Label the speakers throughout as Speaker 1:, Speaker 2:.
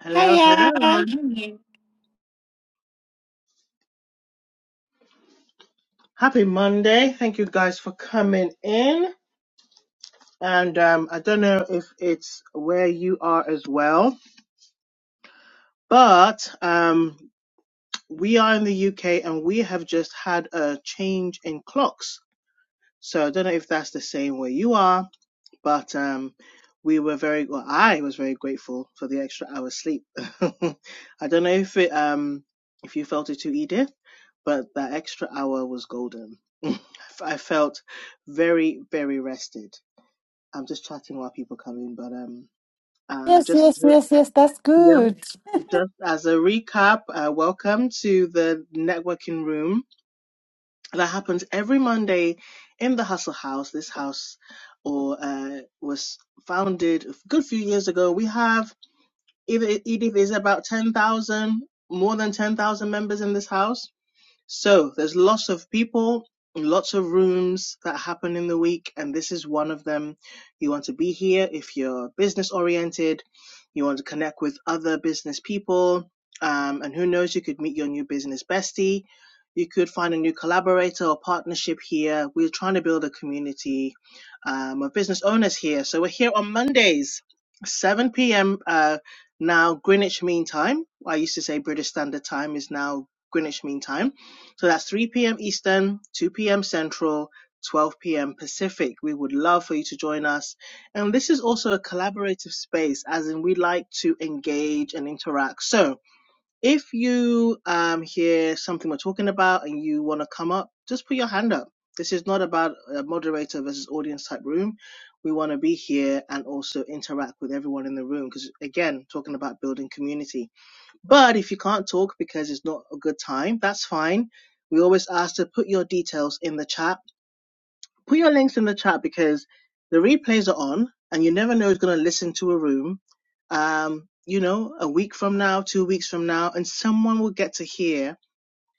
Speaker 1: Hello,
Speaker 2: Hiya.
Speaker 1: hello. Happy Monday. Thank you guys for coming in. And um, I don't know if it's where you are as well, but um, we are in the UK and we have just had a change in clocks. So I don't know if that's the same where you are, but um, we were very well. I was very grateful for the extra hour sleep. I don't know if it um if you felt it too, Edith, but that extra hour was golden. I felt very very rested. I'm just chatting while people come in, but um um
Speaker 2: Yes,
Speaker 1: just
Speaker 2: yes, yes, yes. That's
Speaker 1: yeah
Speaker 2: good.
Speaker 1: just as a recap, uh, welcome to the networking room that happens every Monday in the Hustle House. This house or uh, was founded a good few years ago. We have Edith Edith is about ten thousand, more than ten thousand members in this house so there's lots of people, lots of rooms that happen in the week, and this is one of them. You want to be here if you're business oriented, you want to connect with other business people, um, and who knows, you could meet your new business bestie. You could find a new collaborator or partnership here. We're trying to build a community um, of business owners here. So we're here on Mondays, 7 p.m. Uh, now Greenwich Mean Time. I used to say British Standard Time is now Greenwich Mean Time so that's 3 p.m. Eastern, 2 p.m. Central, 12 p.m. Pacific. We would love for you to join us. And this is also a collaborative space, as in we like to engage and interact. So if you um, hear something we're talking about and you want to come up, just put your hand up. This is not about a moderator versus audience type room. We want to be here and also interact with everyone in the room because, again, talking about building community. But if you can't talk because it's not a good time, that's fine. We always ask to put your details in the chat. Put your links in the chat because the replays are on and you never know who's going to listen to a room. Um, you know, a week from now, two weeks from now, and someone will get to hear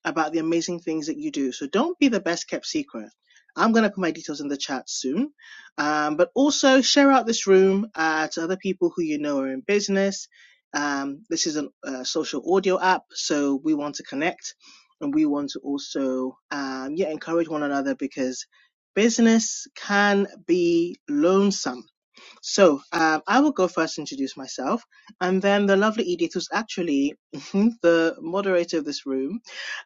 Speaker 1: about the amazing things that you do. So don't be the best kept secret. I'm going to put my details in the chat soon. Um, but also share out this room uh, to other people who you know are in business. Um, this is a uh, social audio app, so we want to connect and we want to also um, yeah, encourage one another because business can be lonesome. So um, I will go first introduce myself. And then the lovely Edith, who's actually the moderator of this room,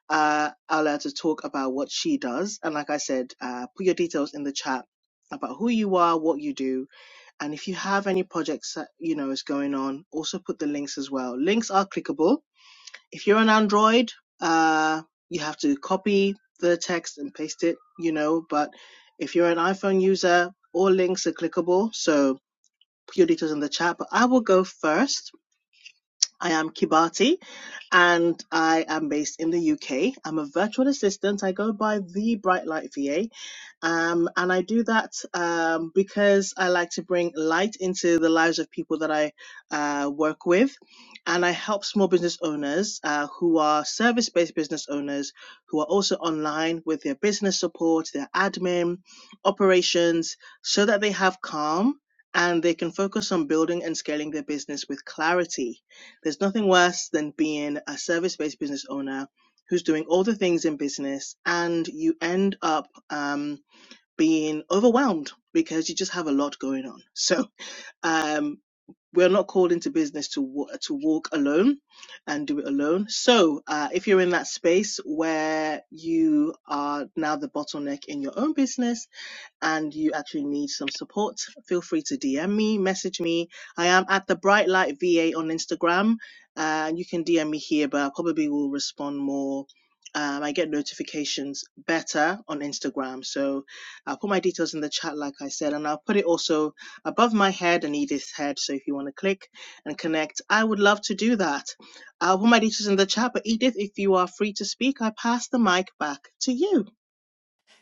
Speaker 1: uh, Ella to talk about what she does. And like I said, uh, put your details in the chat about who you are, what you do, and if you have any projects that you know is going on, also put the links as well. Links are clickable. If you're on Android, uh, you have to copy the text and paste it, you know. But if you're an iPhone user, all links are clickable. So put your details in the chat. But I will go first I am Kibati and I am based in the UK. I'm a virtual assistant. I go by the Bright Light VA um, and I do that um, because I like to bring light into the lives of people that I uh, work with. And I help small business owners uh, who are service based business owners who are also online with their business support, their admin, operations, so that they have calm and they can focus on building and scaling their business with clarity. There's nothing worse than being a service based business owner who's doing all the things in business and you end up. Um, being overwhelmed because you just have a lot going on. So um, we're not called into business to wa- to walk alone and do it alone. So uh, if you're in that space where you are now the bottleneck in your own business and you actually need some support, feel free to DM me, message me. I am at the Bright Light VA on Instagram, and you can DM me here, but I probably will respond more. Um, I get notifications better on Instagram, so I'll put my details in the chat, like I said, and I'll put it also above my head and Edith's head. So if you want to click and connect, I would love to do that. I'll put my details in the chat, but Edith, if you are free to speak, I pass the mic back to you.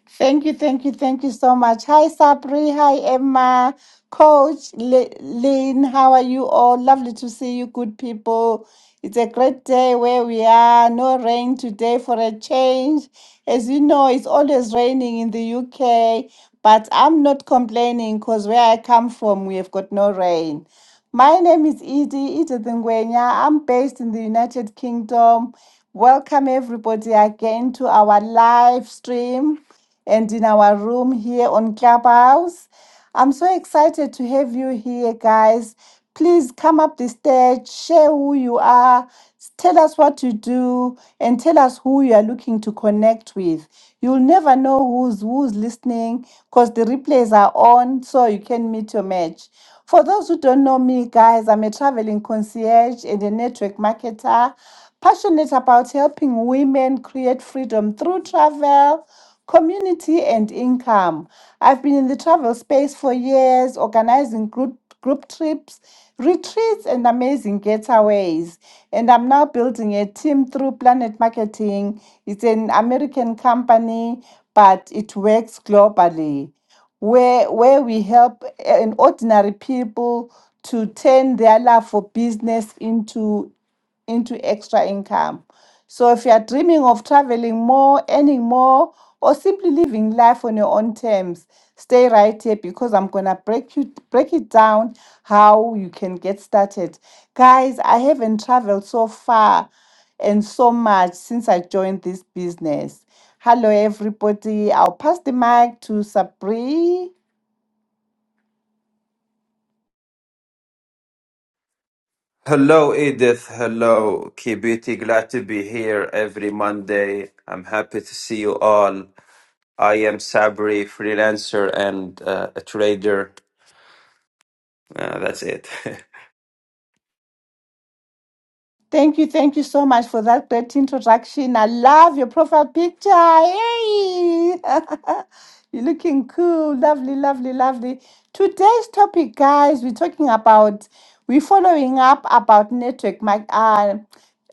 Speaker 2: Thank you, thank you, thank you so much. Hi, Sabri. Hi, Emma. Coach Le- Lynn, how are you all? Lovely to see you, good people. It's a great day where we are. No rain today for a change. As you know, it's always raining in the UK, but I'm not complaining because where I come from, we have got no rain. My name is Edie Itadengwenya. I'm based in the United Kingdom. Welcome, everybody, again to our live stream and in our room here on Clubhouse. I'm so excited to have you here, guys. Please come up the stage, share who you are, tell us what you do, and tell us who you are looking to connect with. You'll never know who's who's listening because the replays are on, so you can meet your match. For those who don't know me, guys, I'm a traveling concierge and a network marketer, passionate about helping women create freedom through travel Community and income. I've been in the travel space for years, organizing group, group trips, retreats, and amazing getaways. And I'm now building a team through Planet Marketing. It's an American company, but it works globally where where we help an ordinary people to turn their love for business into into extra income. So if you are dreaming of traveling more, earning more, or simply living life on your own terms, stay right here because I'm gonna break you break it down how you can get started. Guys, I haven't traveled so far and so much since I joined this business. Hello everybody. I'll pass the mic to Sabri.
Speaker 3: Hello, Edith. Hello, Kibiti. Glad to be here every Monday. I'm happy to see you all. I am Sabri, freelancer and uh, a trader. Uh, that's it.
Speaker 2: Thank you, thank you so much for that great introduction. I love your profile picture. Hey! You're looking cool. Lovely, lovely, lovely. Today's topic, guys, we're talking about, we're following up about network, mar- uh,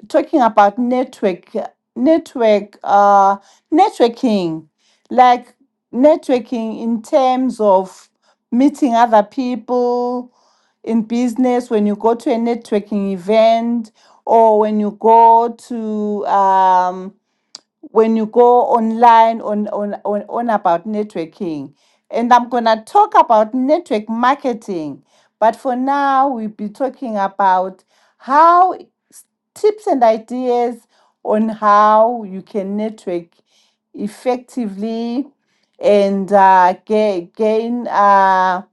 Speaker 2: talking about network network uh networking like networking in terms of meeting other people in business when you go to a networking event or when you go to um when you go online on on on, on about networking and i'm going to talk about network marketing but for now we'll be talking about how tips and ideas on how you can network effectively and uh, ga- gain uh,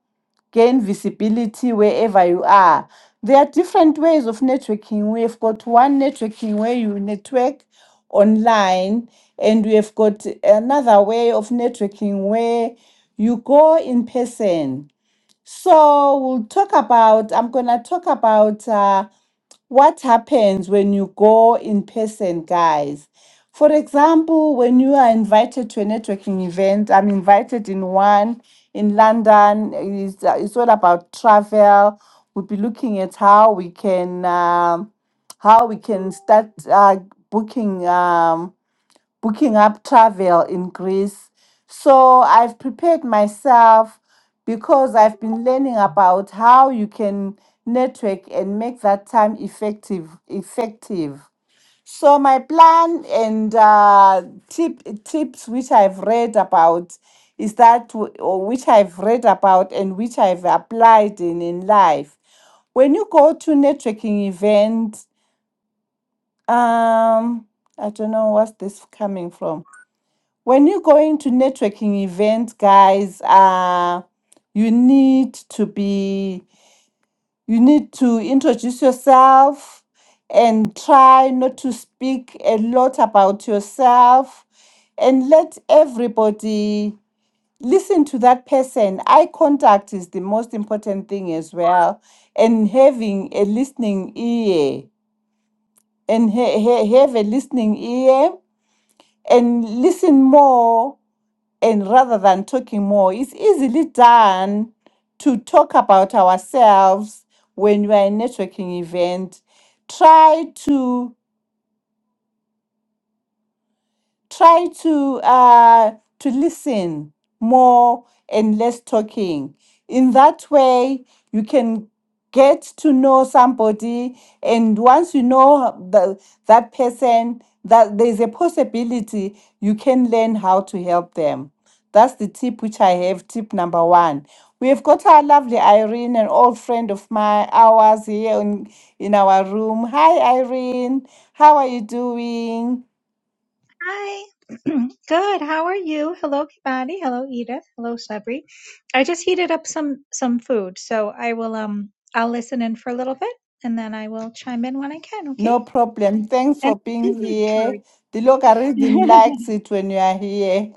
Speaker 2: gain visibility wherever you are. There are different ways of networking. We've got one networking where you network online, and we've got another way of networking where you go in person. So we'll talk about. I'm gonna talk about. uh, what happens when you go in person, guys. For example, when you are invited to a networking event, I'm invited in one in London. It's, uh, it's all about travel. We'll be looking at how we can um, how we can start uh, booking. Um, booking up travel in Greece. So I've prepared myself because I've been learning about how you can network and make that time effective effective. So my plan and uh, tip tips which I've read about is that w- or which I've read about and which I've applied in in life. When you go to networking event, um, I don't know what's this coming from when you're going to networking events guys uh you need to be you need to introduce yourself and try not to speak a lot about yourself and let everybody listen to that person eye contact is the most important thing as well and having a listening ear and ha- ha- have a listening ear and listen more and rather than talking more, it's easily done to talk about ourselves when you are in networking event. Try to try to uh, to listen more and less talking. In that way, you can get to know somebody, and once you know the, that person, that there's a possibility you can learn how to help them. That's the tip which I have. Tip number one. We have got our lovely Irene, an old friend of my ours here in, in our room. Hi, Irene. How are you doing?
Speaker 4: Hi. Good. How are you? Hello, Kibati. Hello, Edith. Hello, Sabri. I just heated up some some food, so I will um I'll listen in for a little bit, and then I will chime in when I can. Okay.
Speaker 2: No problem. Thanks
Speaker 4: And
Speaker 2: for being
Speaker 4: business
Speaker 2: here. The logarithm
Speaker 4: card.
Speaker 2: likes it when you are here.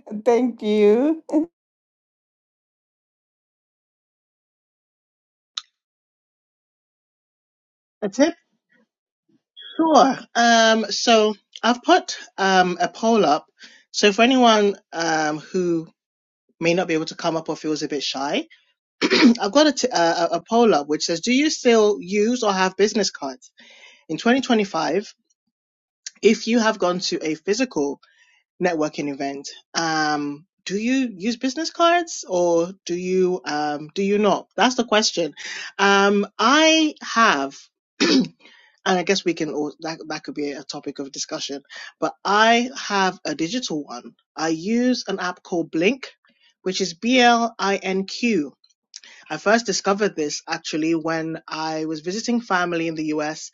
Speaker 2: Thank you.
Speaker 1: That's it. Sure. Um, so I've put um, a poll up. So for anyone um, who may not be able to come up or feels a bit shy, I've got a, t- uh, a a poll up which says, "Do you still use or have business cards in 2025? If you have gone to a physical networking event. Um, do you use business cards or do you um, do you not? That's the question. Um, I have, and I guess we can all that that could be a topic of discussion. But I have a digital one. I use an app called Blink, which is B L I N Q. I first discovered this actually when I was visiting family in the US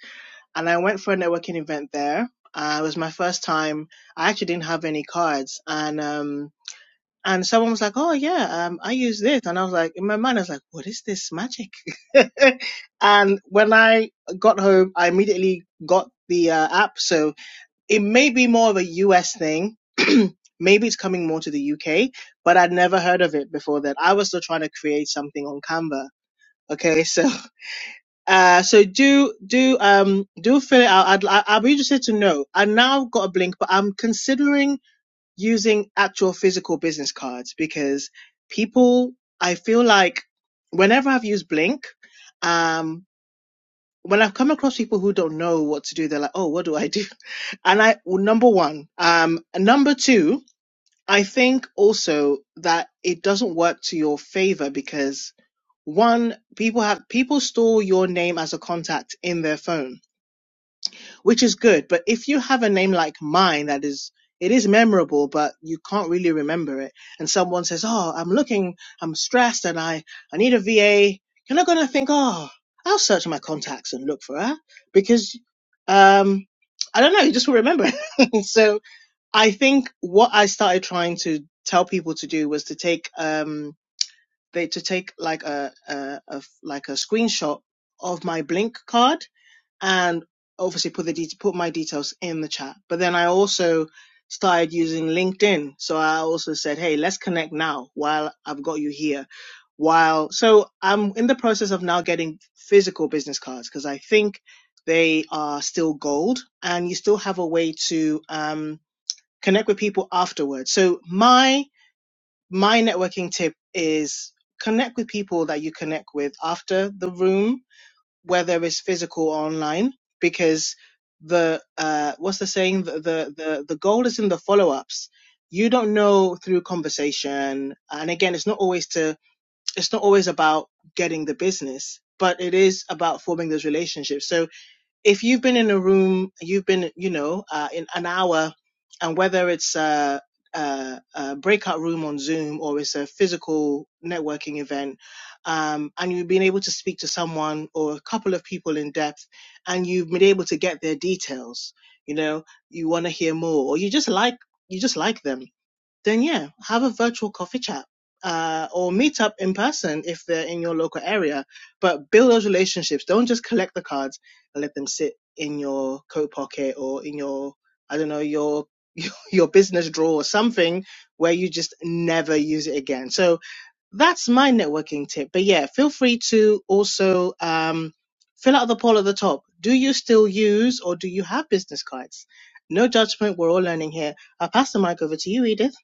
Speaker 1: and I went for a networking event there. Uh, it was my first time. I actually didn't have any cards, and um, and someone was like, "Oh yeah, um, I use this," and I was like, in my mind, I was like, "What is this magic?" and when I got home, I immediately got the uh, app, so it may be more of a US thing. Maybe it's coming more to the UK, but I'd never heard of it before that. I was still trying to create something on Canva. Okay, so uh, so do do um do fill it out. I'd, I- I'll be interested to know. I now got a blink, but I'm considering using actual physical business cards because people. I feel like whenever I've used Blink, um, when I've come across people who don't know what to do, they're like, "Oh, what do I do?" And I well, number one, um, and number two, I think also that it doesn't work to your favor because one, people have people store your name as a contact in their phone, which is good. But if you have a name like mine that is it is memorable, but you can't really remember it. And someone says, "Oh, I'm looking, I'm stressed, and I I need a VA." You're not gonna think, "Oh, I'll search my contacts and look for her," because um, I don't know, you just will remember. so I think what I started trying to tell people to do was to take um they to take like a, a, a f- like a screenshot of my blink card and obviously put the det- put my details in the chat but then i also started using linkedin so i also said hey let's connect now while i've got you here while so i'm in the process of now getting physical business cards because i think they are still gold and you still have a way to um connect with people afterwards so my my networking tip is connect with people that you connect with after the room, whether it's physical or online, because the uh what's the saying the the the, the goal is in the follow-ups you don't know through conversation and again it's not always to it's not always about getting the business but it is about forming those relationships so if you've been in a room, you've been, you know, uh, in an hour, and whether it's a, a, a breakout room on Zoom or it's a physical networking event, um, and you've been able to speak to someone or a couple of people in depth, and you've been able to get their details, you know, you want to hear more, or you just like you just like them then yeah, have a virtual coffee chat uh, or meet up in person if they're in your local area. But build those relationships. Don't just collect the cards and let them sit in your coat pocket or in your, I don't know, your your business drawer or something where you just never use it again. So that's my networking tip. But yeah, feel free to also um, fill out the poll at the top. Do you still use or do you have business cards? No judgment. We're all learning here. I'll pass the mic over to you, Edith.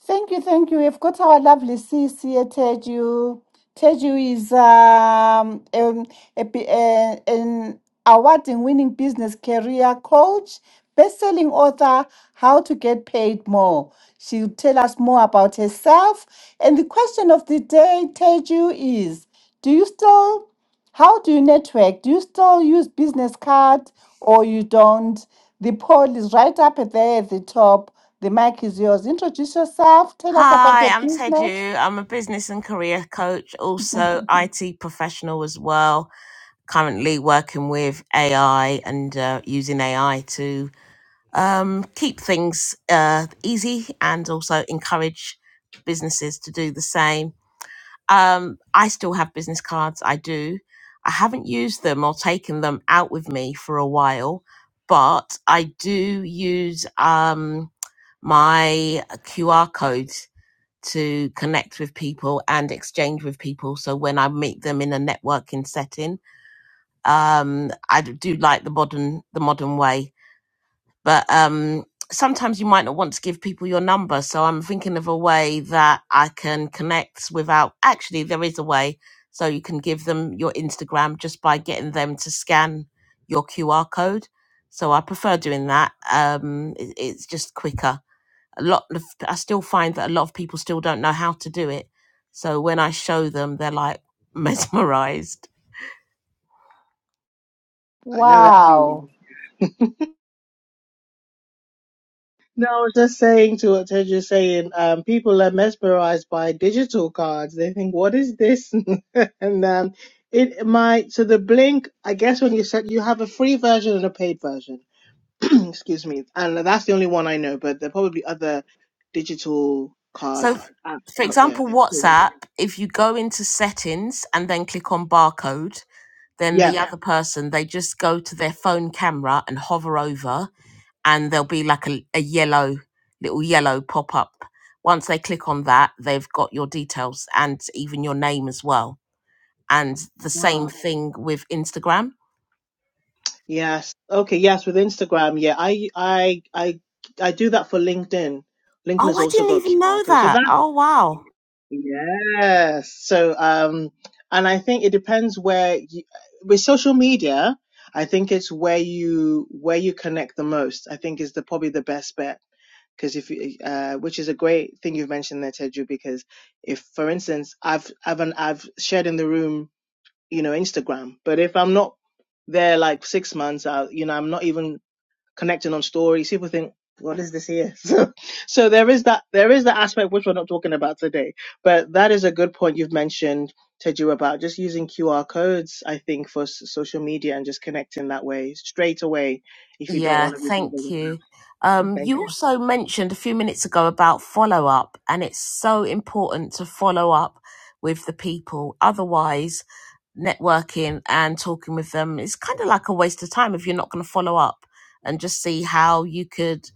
Speaker 2: Thank you, thank you. We've got our lovely sis here, Teju. Teju is um, um, a, b- a- an award-winning business career coach, best-selling author, How to Get Paid More. She'll tell us more about herself. And the question of the day, Teju, is: Do you still how do you network? Do you still use business card or you don't? The poll is right up there at the top. The mic is yours. Introduce yourself. Tell us about
Speaker 5: Hi,
Speaker 2: your
Speaker 5: I'm
Speaker 2: business.
Speaker 5: Teju. I'm a business and career coach, also IT professional as well. Currently working with AI and uh, using AI to um, keep things uh, easy and also encourage businesses to do the same. Um, I still have business cards. I do. I haven't used them or taken them out with me for a while, but I do use. Um, my QR code to connect with people and exchange with people. So when I meet them in a networking setting, um, I do like the modern the modern way, but um, sometimes you might not want to give people your number. So I'm thinking of a way that I can connect without. Actually, there is a way. So you can give them your Instagram just by getting them to scan your QR code. So I prefer doing that. Um, it, it's just quicker a lot of I still find that a lot of people still don't know how to do it. So when I show them, they're like mesmerized.
Speaker 1: I know that feeling.
Speaker 2: Wow.
Speaker 1: No, I was just saying to what Ted was saying, um, people are mesmerized by digital cards. They think, what is this? and um, it might, so the Blink, I guess when you said you have a free version and a paid version, excuse me, and that's the only one I know, but there are probably other digital
Speaker 5: So,
Speaker 1: card
Speaker 5: f-
Speaker 1: apps
Speaker 5: for
Speaker 1: out there.
Speaker 5: example,
Speaker 1: So,
Speaker 5: WhatsApp, if you go into settings and then click on barcode, then the
Speaker 1: Yeah.
Speaker 5: Yeah. other person they just go to their phone camera and hover over and there'll be like a, a yellow little yellow pop up once they click on that they've got your details and even your name as well and the same
Speaker 1: Ah.
Speaker 5: thing with instagram
Speaker 1: Yes. Okay. Yes. With Instagram. Yeah. I, I, I, I do that for LinkedIn. LinkedIn
Speaker 5: oh
Speaker 1: has
Speaker 5: i
Speaker 1: also
Speaker 5: didn't
Speaker 1: got
Speaker 5: even know
Speaker 1: QR code. So that
Speaker 5: that oh wow
Speaker 1: Yes. So, um, and I think it depends where you, with social media, I think it's where you where you connect the most. I think is the probably the best bet because if you, uh, which is a great thing you've mentioned there, Teju, because if, for instance, I've I've an, I've shared in the room, you know, Instagram, but if I'm not there like six months out, you know, I'm not even connecting on stories, people think, what is this here? So, so there is that there is that aspect which we're not talking about today. But that is a good point you've mentioned, Teju, about just using QR codes, I think, for s- social media and just connecting that way straight away if you don't
Speaker 5: yeah
Speaker 1: want to be bothered
Speaker 5: thank
Speaker 1: with that.
Speaker 5: you
Speaker 1: So
Speaker 5: um,
Speaker 1: Thank
Speaker 5: you
Speaker 1: you.
Speaker 5: also mentioned a few minutes ago about follow up, and it's so important to follow up with the people. Otherwise, networking and talking with them is kind of like a waste of time if you're not going to follow up and just see how you could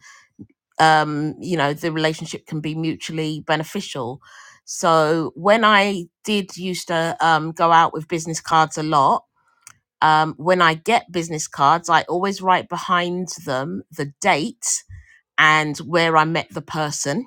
Speaker 5: um you know the relationship can be mutually beneficial so when i did used to um go out with business cards a lot um when i get business cards i always write behind them the date and where i met the person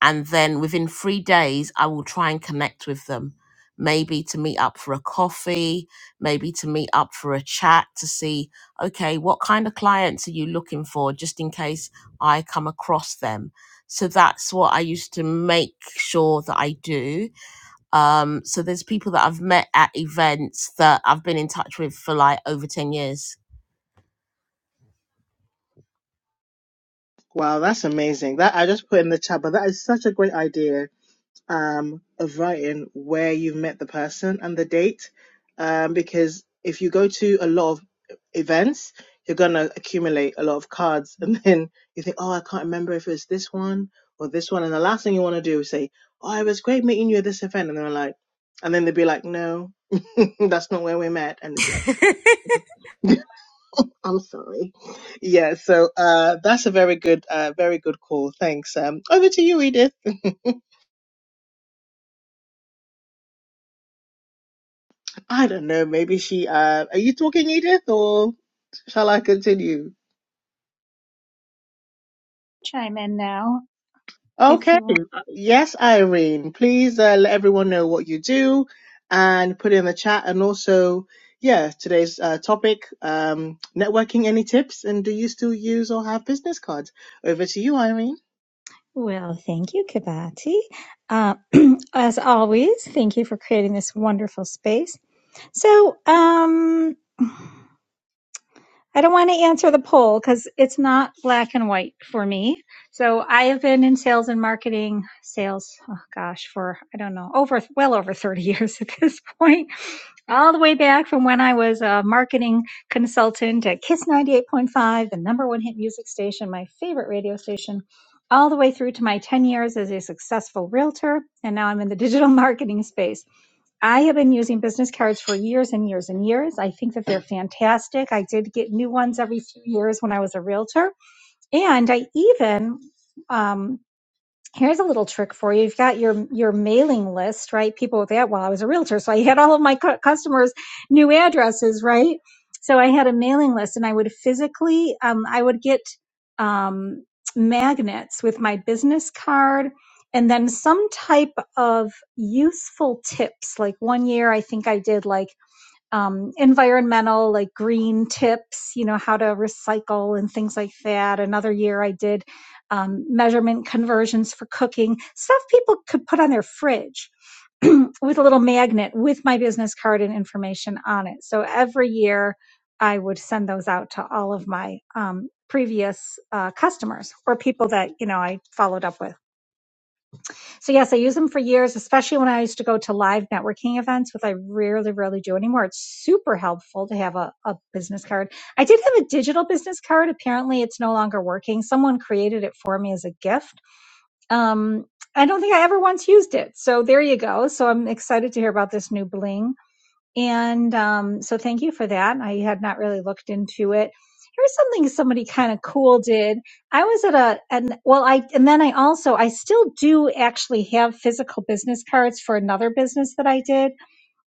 Speaker 5: and then within three days i will try and connect with them maybe to meet up for a coffee maybe to meet up for a chat to see okay what kind of clients are you looking for just in case i come across them so that's what i used to make sure that i do um, so there's people that i've met at events that i've been in touch with for like over 10 years
Speaker 1: Wow, that's amazing. That I just put in the chat, but that is such a great idea um, of writing where you've met the person and the date. Um, because if you go to a lot of events, you're going to accumulate a lot of cards. And then you think, oh, I can't remember if it was this one or this one. And the last thing you want to do is say, oh, it was great meeting you at this event. And they're like, and then they'd be like, no, that's not where we met. And it's like, I'm sorry. Yeah, so uh, that's a very good, uh, very good call. Thanks. Um, over to you, Edith. I don't know. Maybe she. Uh, are you talking, Edith, or shall I continue?
Speaker 4: chime in now if
Speaker 1: Okay.
Speaker 4: you want.
Speaker 1: Yes, Irene. Please uh, let everyone know what you do, and put it in the chat. And also, yeah, today's uh, topic: um, networking. Any tips? And do you still use or have business cards? Over to you, Irene.
Speaker 4: Well, thank you, Kibati. Uh, as always, thank you for creating this wonderful space. So, um. I don't want to answer the poll because it's not black and white for me. So I have been in sales and marketing, sales, oh gosh, for I don't know, over well over 30 years at this point, all the way back from when I was a marketing consultant at Kiss 98.5, the number one hit music station, my favorite radio station, all the way through to my 10 years as a successful realtor. And now I'm in the digital marketing space. I have been using business cards for years and years and years. I think that they're fantastic. I did get new ones every few years when I was a realtor. And I even, um, here's a little trick for you. You've got your your mailing list, right? People with that. Well, I was a realtor, so I had all of my cu- customers' new addresses, right? So I had a mailing list, and I would physically, um, I would get um, magnets with my business card, and then some type of useful tips. Like one year, I think I did like um, environmental like green tips you know how to recycle and things like that another year i did um, measurement conversions for cooking stuff people could put on their fridge with a little magnet with my business card and information on it so every year i would send those out to all of my um, previous uh, customers or people that you know i followed up with so yes, I use them for years, especially when I used to go to live networking events, which I rarely, rarely do anymore. It's super helpful to have a, a business card. I did have a digital business card. Apparently it's no longer working. Someone created it for me as a gift. Um, I don't think I ever once used it. So there you go. So I'm excited to hear about this new bling. And um, so thank you for that. I had not really looked into it. Here's something somebody kind of cool did. I was at a and well I and then I also I still do actually have physical business cards for another business that I did,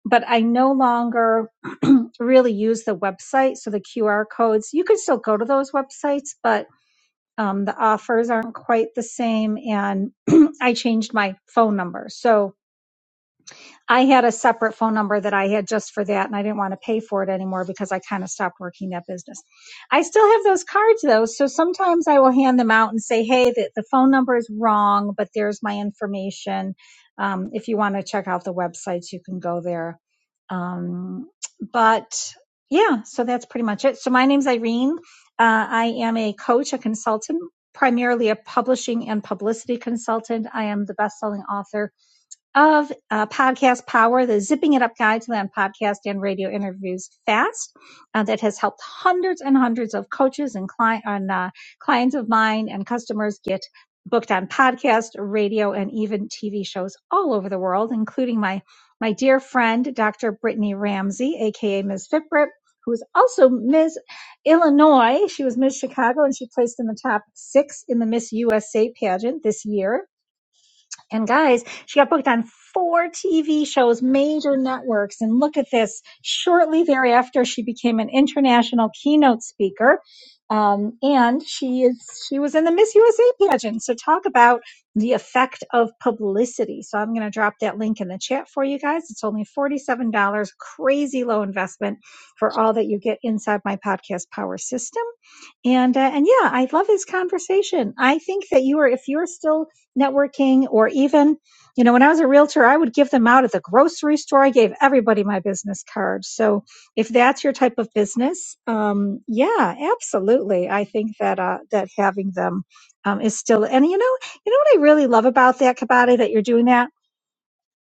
Speaker 4: but I no longer really use the website. So the QR codes, you can still go to those websites, but um, the offers aren't quite the same. And I changed my phone number. So I had a separate phone number that I had just for that, and I didn't want to pay for it anymore because I kind of stopped working that business. I still have those cards though, so sometimes I will hand them out and say, "Hey, the, the phone number is wrong, but there's my information. Um, if you want to check out the websites, you can go there." Um, but yeah, so that's pretty much it. So my name's Irene. Uh, I am a coach, a consultant, primarily a publishing and publicity consultant. I am the best-selling author of uh, Podcast Power, the Zipping It Up Guide to Land podcast and radio interviews fast uh, that has helped hundreds and hundreds of coaches and client on uh, clients of mine and customers get booked on podcast, radio, and even TV shows all over the world, including my my dear friend Dr. Brittany Ramsey, aka Ms. Fitbrit. Who is also Ms. Illinois? She was Miss Chicago and she placed in the top six in the Miss USA pageant this year and guys, she got booked on four TV shows, major networks. And look at this. Shortly thereafter, she became an international keynote speaker. Um, and she is she was in the Miss USA pageant. So talk about the effect of publicity. So I'm gonna drop that link in the chat for you guys. It's only $47, crazy low investment for all that you get inside my podcast power system. And uh, and yeah, I love his conversation. I think that you are if you're still networking or even, you know, when I was a realtor, I would give them out at the grocery store. I gave everybody my business card. So if that's your type of business, um, yeah, absolutely. I think that uh, that having them um, is still and you know you know what I really love about that Kabata that you're doing that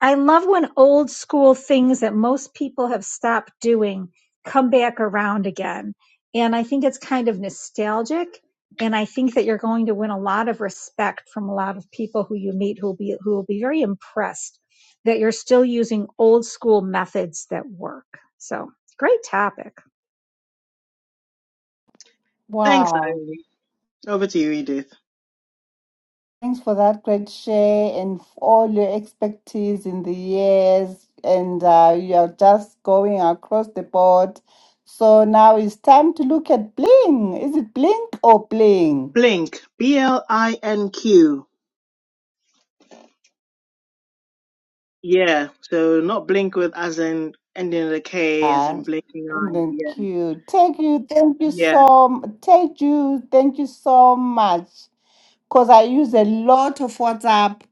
Speaker 4: I love when old school things that most people have stopped doing come back around again. And I think it's kind of nostalgic. And I think that you're going to win a lot of respect from a lot of people who you meet who will be who will be very impressed that you're still using old school methods that work. So great topic.
Speaker 1: Thanks,
Speaker 2: Wow.
Speaker 1: Irene. Over to you, Edith.
Speaker 2: Thanks for that great share and for all your expertise in the years. And uh, you're just going across the board. So now it's time to look at bling. Is it blink or bling?
Speaker 1: Blink. B L I N Q. Yeah. So not blink with as in ending with a K, as
Speaker 2: Uh,
Speaker 1: in blinking
Speaker 2: and then
Speaker 1: eye.
Speaker 2: cute. Thank you, thank you
Speaker 1: Yeah.
Speaker 2: so m- thank you, thank you so much. Cause I use a lot of WhatsApp.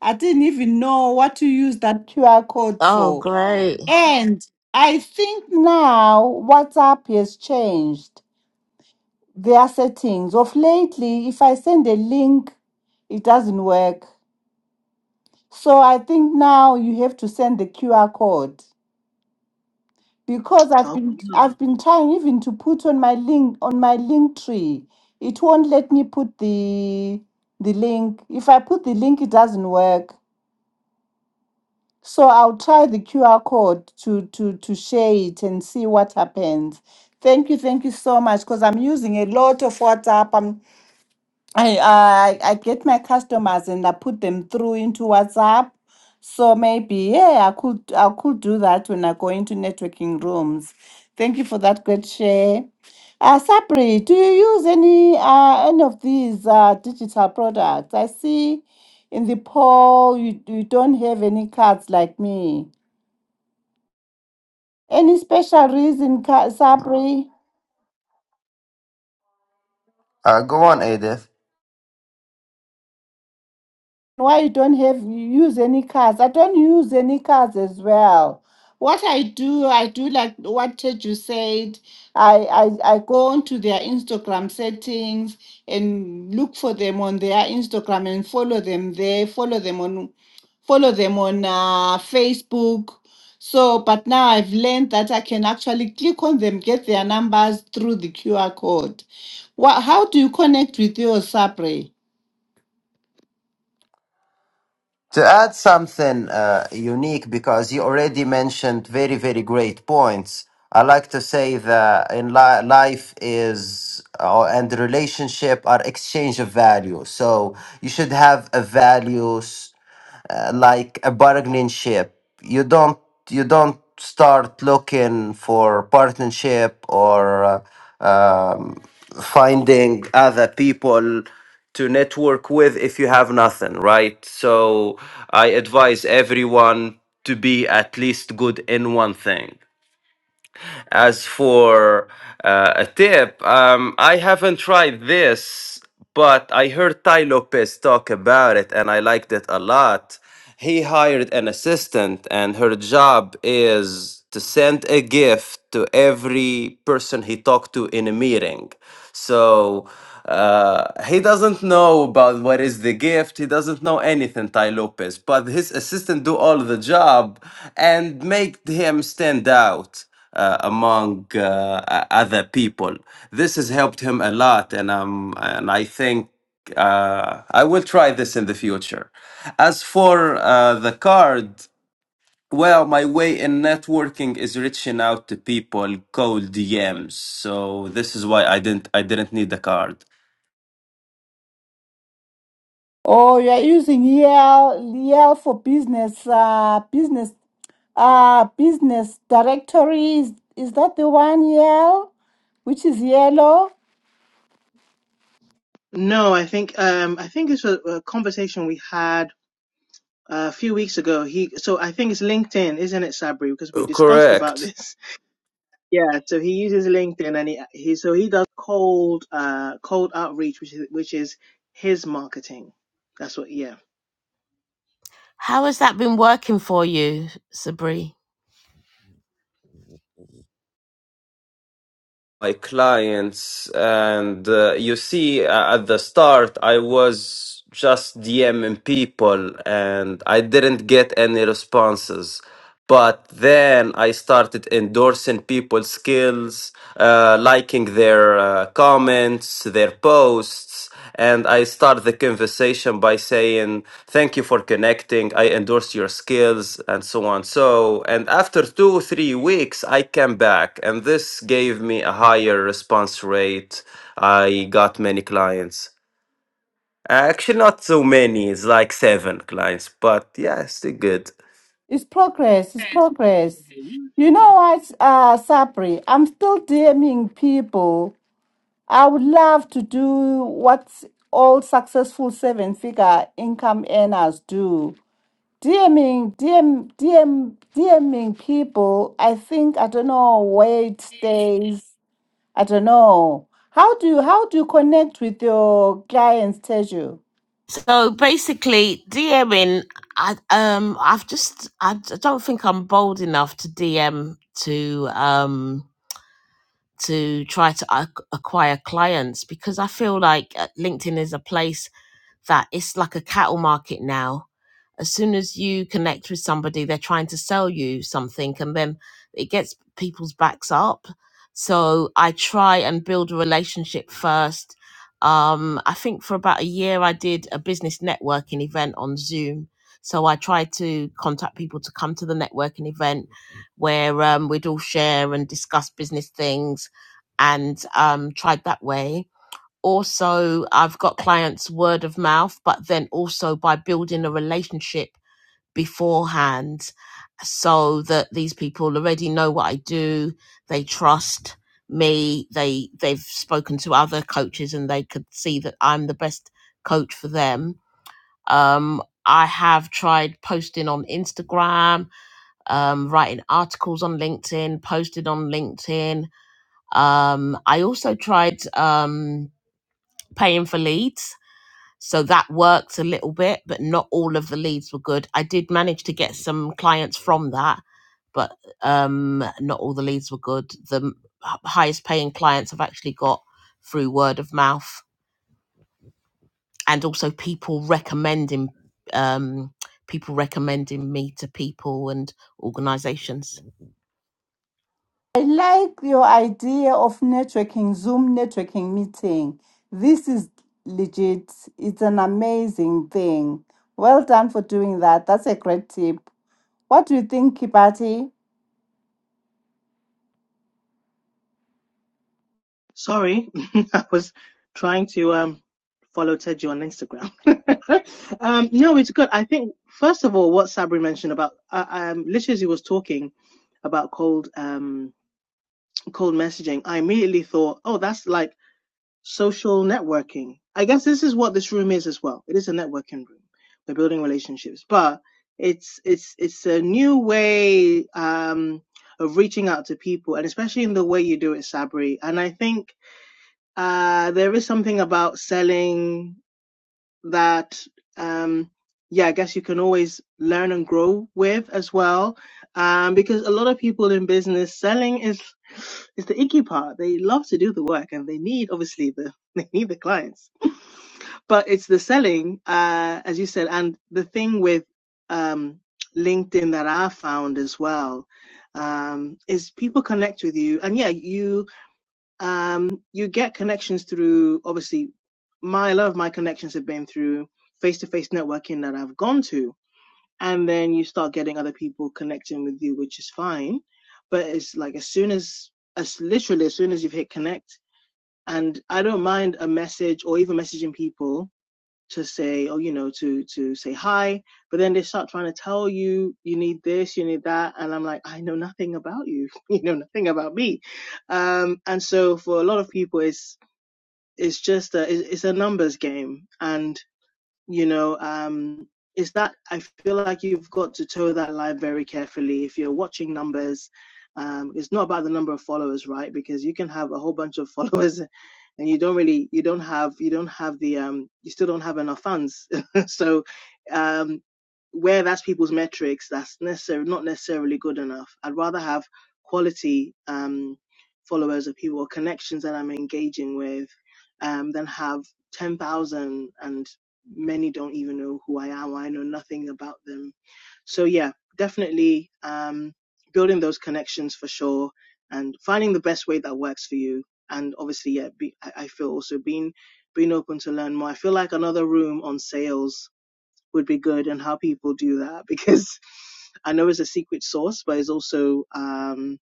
Speaker 2: I didn't even know what to use that QR code
Speaker 5: oh
Speaker 2: for.
Speaker 5: great
Speaker 2: And I think now WhatsApp has changed their settings. Of lately, if I send a link, it doesn't work. So I think now you have to send the QR code. because
Speaker 1: Oh,
Speaker 2: I've been
Speaker 1: wow.
Speaker 2: I've been trying even to put on my link on my link tree. It won't let me put the the link. If I put the link, it doesn't work. So I'll try the QR code to to to share it and see what happens. Thank you, thank you so much. Because I'm using a lot of WhatsApp. I, I I get my customers and I put them through into WhatsApp. So maybe yeah, I could I could do that when I go into networking rooms. Thank you for that great share. Uh, Sabri, do you use any uh, any of these uh, digital products? I see in the poll you you don't have any cards like me. Any special reason, Ka- Sabri?
Speaker 3: Uh, go on, Edith.
Speaker 2: why you don't have you use any cars i don't use any cars as well what i do i do like what Teju said I, I i go onto their instagram settings and look for them on their instagram and follow them there follow them on follow them on uh, facebook so but now i've learned that i can actually click on them get their numbers through the qr code what, how do you connect with your sabre
Speaker 3: To add something uh, unique, because you already mentioned very, very great points, I like to say that in li- life is uh, and the relationship are exchange of value. So you should have a values uh, like a bargaining ship. You don't you don't start looking for partnership or uh, um, finding other people to network with if you have nothing, right? So I advise everyone to be at least good in one thing. As for uh, a tip, um, I haven't tried this, but I heard Tai Lopez talk about it and I liked it a lot. He hired an assistant, and her job is to send a gift to every person he talked to in a meeting. So uh, he doesn't know about what is the gift. He doesn't know anything, Tai Lopez. But his assistant do all the job and make him stand out uh, among uh, other people. This has helped him a lot, and um, and I think uh, I will try this in the future. As for uh, the card, well, my way in networking is reaching out to people cold DMs, so this is why I didn't I didn't need the card.
Speaker 2: Oh, you are using Yale, Yale for business, uh, business, uh, business directories. Is that the one Yale, which is yellow?
Speaker 1: no, I think um, I think it's a, a conversation we had uh, a few weeks ago. He, so I think it's LinkedIn, isn't it, Sabri? Because we
Speaker 3: Uh,
Speaker 1: discussed
Speaker 3: Correct.
Speaker 1: about this. Yeah, so he uses LinkedIn, and he, he so he does cold uh cold outreach, which is which is his marketing. That's what. Yeah.
Speaker 5: How has that been working for you, Sabri?
Speaker 3: my clients and uh, you see uh, at the start i was just dming people and i didn't get any responses but then I started endorsing people's skills, uh, liking their uh, comments, their posts, and I start the conversation by saying, "Thank you for connecting. I endorse your skills," and so on. So, and after two three weeks, I came back, and this gave me a higher response rate. I got many clients. Actually, not so many. It's like seven clients, but yeah, still good.
Speaker 2: It's progress. It's progress. You
Speaker 1: Mhm.
Speaker 2: know what, uh, Sabri? I'm still DMing people. I would love to do what all successful seven-figure income earners do. DMing, DM, DM, DMing people. I think I don't know where it stays I don't know. How do you how do you connect with your clients, Teju?
Speaker 5: So basically, DMing, I um, I've just I d- don't think I'm bold enough to DM to um to try to ac- acquire clients because I feel like uh, LinkedIn is a place that it's like a cattle market now. As soon as you connect with somebody, they're trying to sell you something, and then it gets people's backs up. So I try and build a relationship first. Um, I think for about a year, I did a business networking event on Zoom. So I tried to contact people to come to the networking event where um, we'd all share and discuss business things and um, tried that way also I've got clients word of mouth, but then also by building a relationship beforehand so that these people already know what I do, they trust me, they they've spoken to other coaches and they could see that I'm the best coach for them. Um I have tried posting on Instagram, um, writing articles on LinkedIn, posted on LinkedIn. Um, I also tried um, paying for leads so that worked a little bit, but not all of the leads were good. I did manage to get some clients from that, but um, not all the leads were good. The m- h- highest paying clients I've actually got through word of mouth and also people recommending um, people recommending me to people and organizations.
Speaker 2: I like your idea of networking, Zoom networking meeting. This is legit. It's an amazing thing. Well done for doing that. That's a great tip. What do you think, Kibati?
Speaker 1: Sorry, I was trying to um follow Teddy on Instagram. um, no, it's good. I think first of all, what Sabri mentioned about uh, um, literally as he was talking about cold um cold messaging, I immediately thought, oh, that's like social networking. I guess this is what this room is as well. It is a networking room. We're building relationships, but it's it's it's a new way um of reaching out to people, and especially in the way you do it, Sabri. And I think uh, there is something about selling that, um, yeah, I guess you can always learn and grow with as well. Um, because a lot of people in business, selling is is the icky part. They love to do the work and they need obviously the they need the clients. But it's the selling, uh, as you said, and the thing with um LinkedIn that I found as well um, is people connect with you. And yeah, you um, you get connections through obviously my a lot of my connections have been through face to face networking that I've gone to, and then you start getting other people connecting with you, which is fine. But it's like as soon as as literally as soon as you've hit connect, and I don't mind a message or even messaging people to say, oh, you know, to to say hi, but then they start trying to tell you you need this, you need that, and I'm like, I know nothing about you, you know nothing about me, um, and so for a lot of people, it's it's just a, it's it's a numbers game, and you know um is that i feel like you've got to toe that line very carefully if you're watching numbers um it's not about the number of followers right because you can have a whole bunch of followers and you don't really you don't have you don't have the um you still don't have enough fans so um where that's people's metrics that's necessarily not necessarily good enough i'd rather have quality um followers of people or connections that i'm engaging with um than have 10,000 and many don't even know who I am. I know nothing about them. So yeah, definitely um, building those connections for sure, and finding the best way that works for you. And obviously, yeah, be, I, I feel also being being open to learn more. I feel like another room on sales would be good and how people do that because I know it's a secret sauce, but it's also um,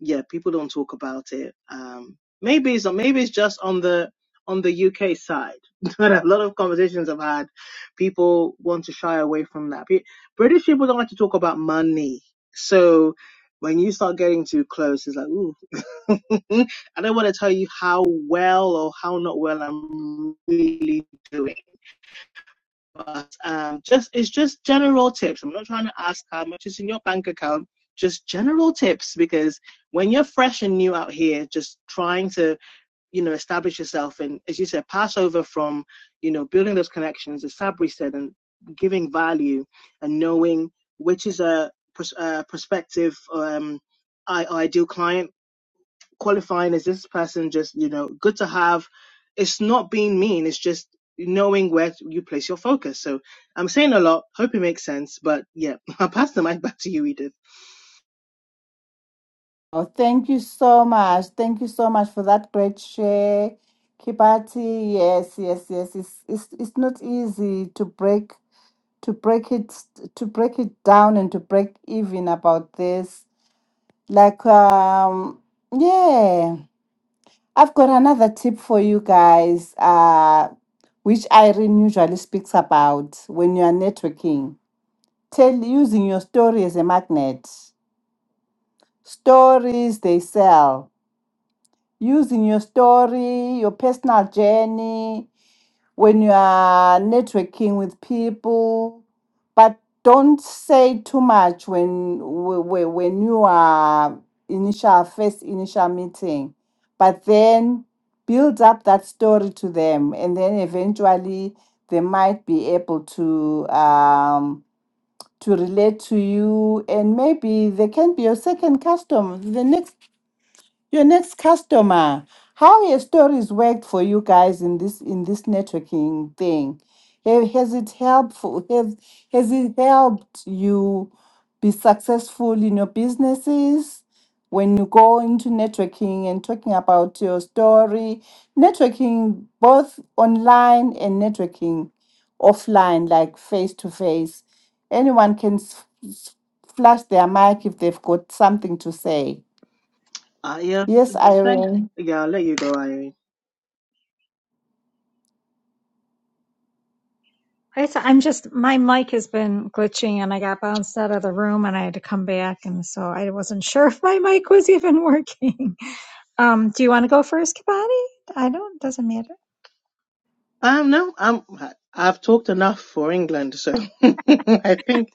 Speaker 1: yeah, people don't talk about it. Um, maybe it's maybe it's just on the on the UK side. But a lot of conversations I've had, people want to shy away from that. Pe- British people don't like to talk about money, so when you start getting too close, it's like, ooh, I don't want to tell you how well or how not well I'm really doing but um, just it's just general tips. I'm not trying to ask how much is in your bank account. Just general tips because when you're fresh and new out here, just trying to you know establish yourself and as you said, pass over from you know building those connections, as Sabri said, and giving value and knowing which is a pers- uh, prospective um, ideal client qualifying is this person just you know good to have it's not being mean it's just knowing where you place your focus so i'm saying a lot hope it makes sense but yeah i'll pass the mic back to you edith
Speaker 2: Oh, thank you so much. Thank you so much for that great share. Kibati, yes, yes, yes. It's, it's, it's not easy to break to break it to break it down and to break even about this like um yeah i've got another tip for you guys uh which irene usually speaks about when you are networking tell using your story as a magnet stories they sell using your story your personal journey when you are networking with people but don't say too much when when, when you are initial first initial meeting but then build up that story to them and then eventually they might be able to um to relate to you and maybe they can be your second customer the next your next customer, how your stories worked for you guys in this in this networking thing. Ha- Has it helpful? Has has it helped you be successful in your businesses when you go into networking and talking about your story? Networking both online and networking offline, like face to face. Anyone can s- s- flash their mic if they've got something to say.
Speaker 1: uh yeah
Speaker 2: Yes,
Speaker 1: thanks
Speaker 2: Irene.
Speaker 1: yeah i'll let you go irene
Speaker 4: i s- I'm just my mic has been glitching and I got bounced out of the room and I had to come back and so I wasn't sure if my mic was even working. Um, do you want to go first, Kabadi? I don't. Doesn't matter.
Speaker 1: um no i'm i've talked enough for england so i think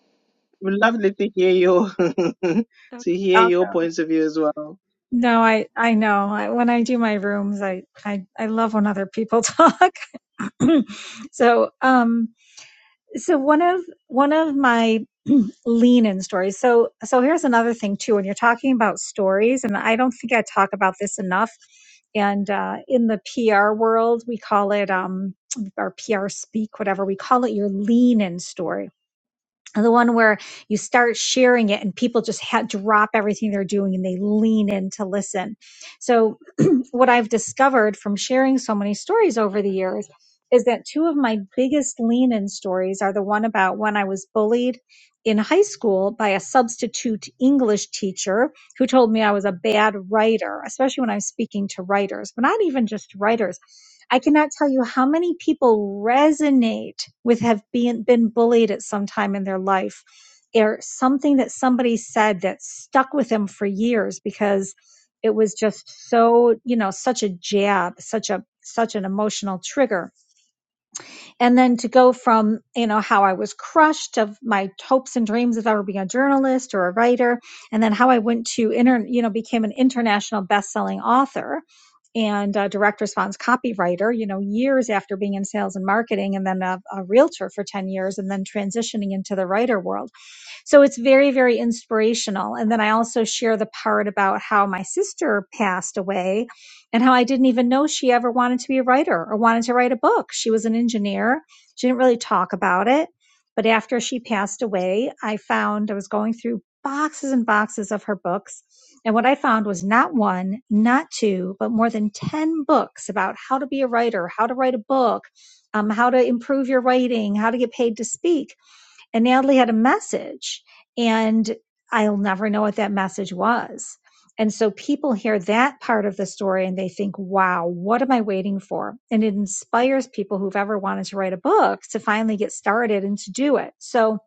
Speaker 1: we'd lovely to hear your to
Speaker 4: Okay.
Speaker 1: hear
Speaker 4: I'll
Speaker 1: your
Speaker 4: go.
Speaker 1: points of view as well
Speaker 4: No, I I know. I, when I do my rooms, I I I love when other people talk. so um, so one of one of my lean-in stories. So so here's another thing too. When you're talking about stories, and I don't think I talk about this enough. And uh, in the PR world, we call it um, our PR speak, whatever we call it, your lean-in story the one where you start sharing it and people just ha- drop everything they're doing and they lean in to listen. So, what I've discovered from sharing so many stories over the years is that two of my biggest lean in stories are the one about when I was bullied in high school by a substitute English teacher who told me I was a bad writer, especially when I'm speaking to writers, but not even just writers. I cannot tell you how many people resonate with have been, been bullied at some time in their life or something that somebody said that stuck with them for years because it was just so, you know, such a jab, such a, such an emotional trigger and then to go from you know how i was crushed of my hopes and dreams of ever being a journalist or a writer and then how i went to inter you know became an international best-selling author and a direct response copywriter you know years after being in sales and marketing and then a, a realtor for 10 years and then transitioning into the writer world so it's very, very inspirational. And then I also share the part about how my sister passed away and how I didn't even know she ever wanted to be a writer or wanted to write a book. She was an engineer. She didn't really talk about it. But after she passed away, I found I was going through boxes and boxes of her books. And what I found was not one, not two, but more than 10 books about how to be a writer, how to write a book, um, how to improve your writing, how to get paid to speak and Natalie had a message, and I'll never know what that message was. And so people hear that part of the story and they think, wow, what am I waiting for? And it inspires people who've ever wanted to write a book to finally get started and to do it. So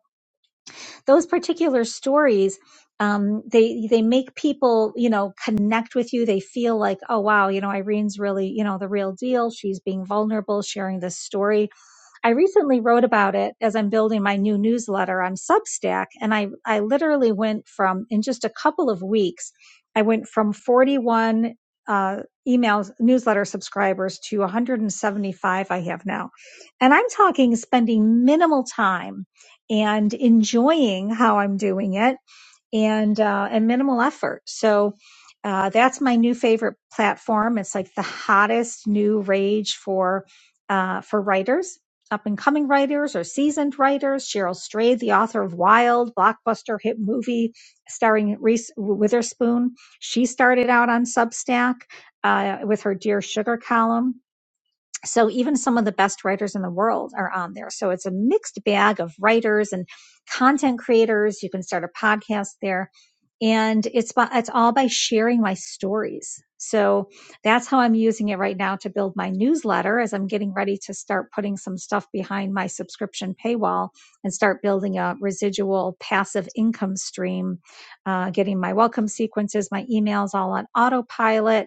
Speaker 4: those particular stories, um, they, they make people, you know, connect with you. They feel like, oh, wow, you know, Irene's really, you know, the real deal. She's being vulnerable, sharing this story I recently wrote about it as I'm building my new newsletter on Substack. And I, I literally went from, in just a couple of weeks, I went from 41 uh, emails, newsletter subscribers to 175 I have now. And I'm talking spending minimal time and enjoying how I'm doing it and uh, and minimal effort. So uh, that's my new favorite platform. It's like the hottest new rage for uh, for writers, up and coming writers or seasoned writers. Cheryl Strayed, the author of Wild, blockbuster hit movie starring Reese Witherspoon, she started out on Substack uh, with her Dear Sugar column so even some of the best writers in the world are on there. So it's a mixed bag of writers and content creators. You can start a podcast there. And it's by, it's all by sharing my stories. So that's how I'm using it right now to build my newsletter as I'm getting ready to start putting some stuff behind my subscription paywall and start building a residual passive income stream, uh, getting my welcome sequences, my emails all on autopilot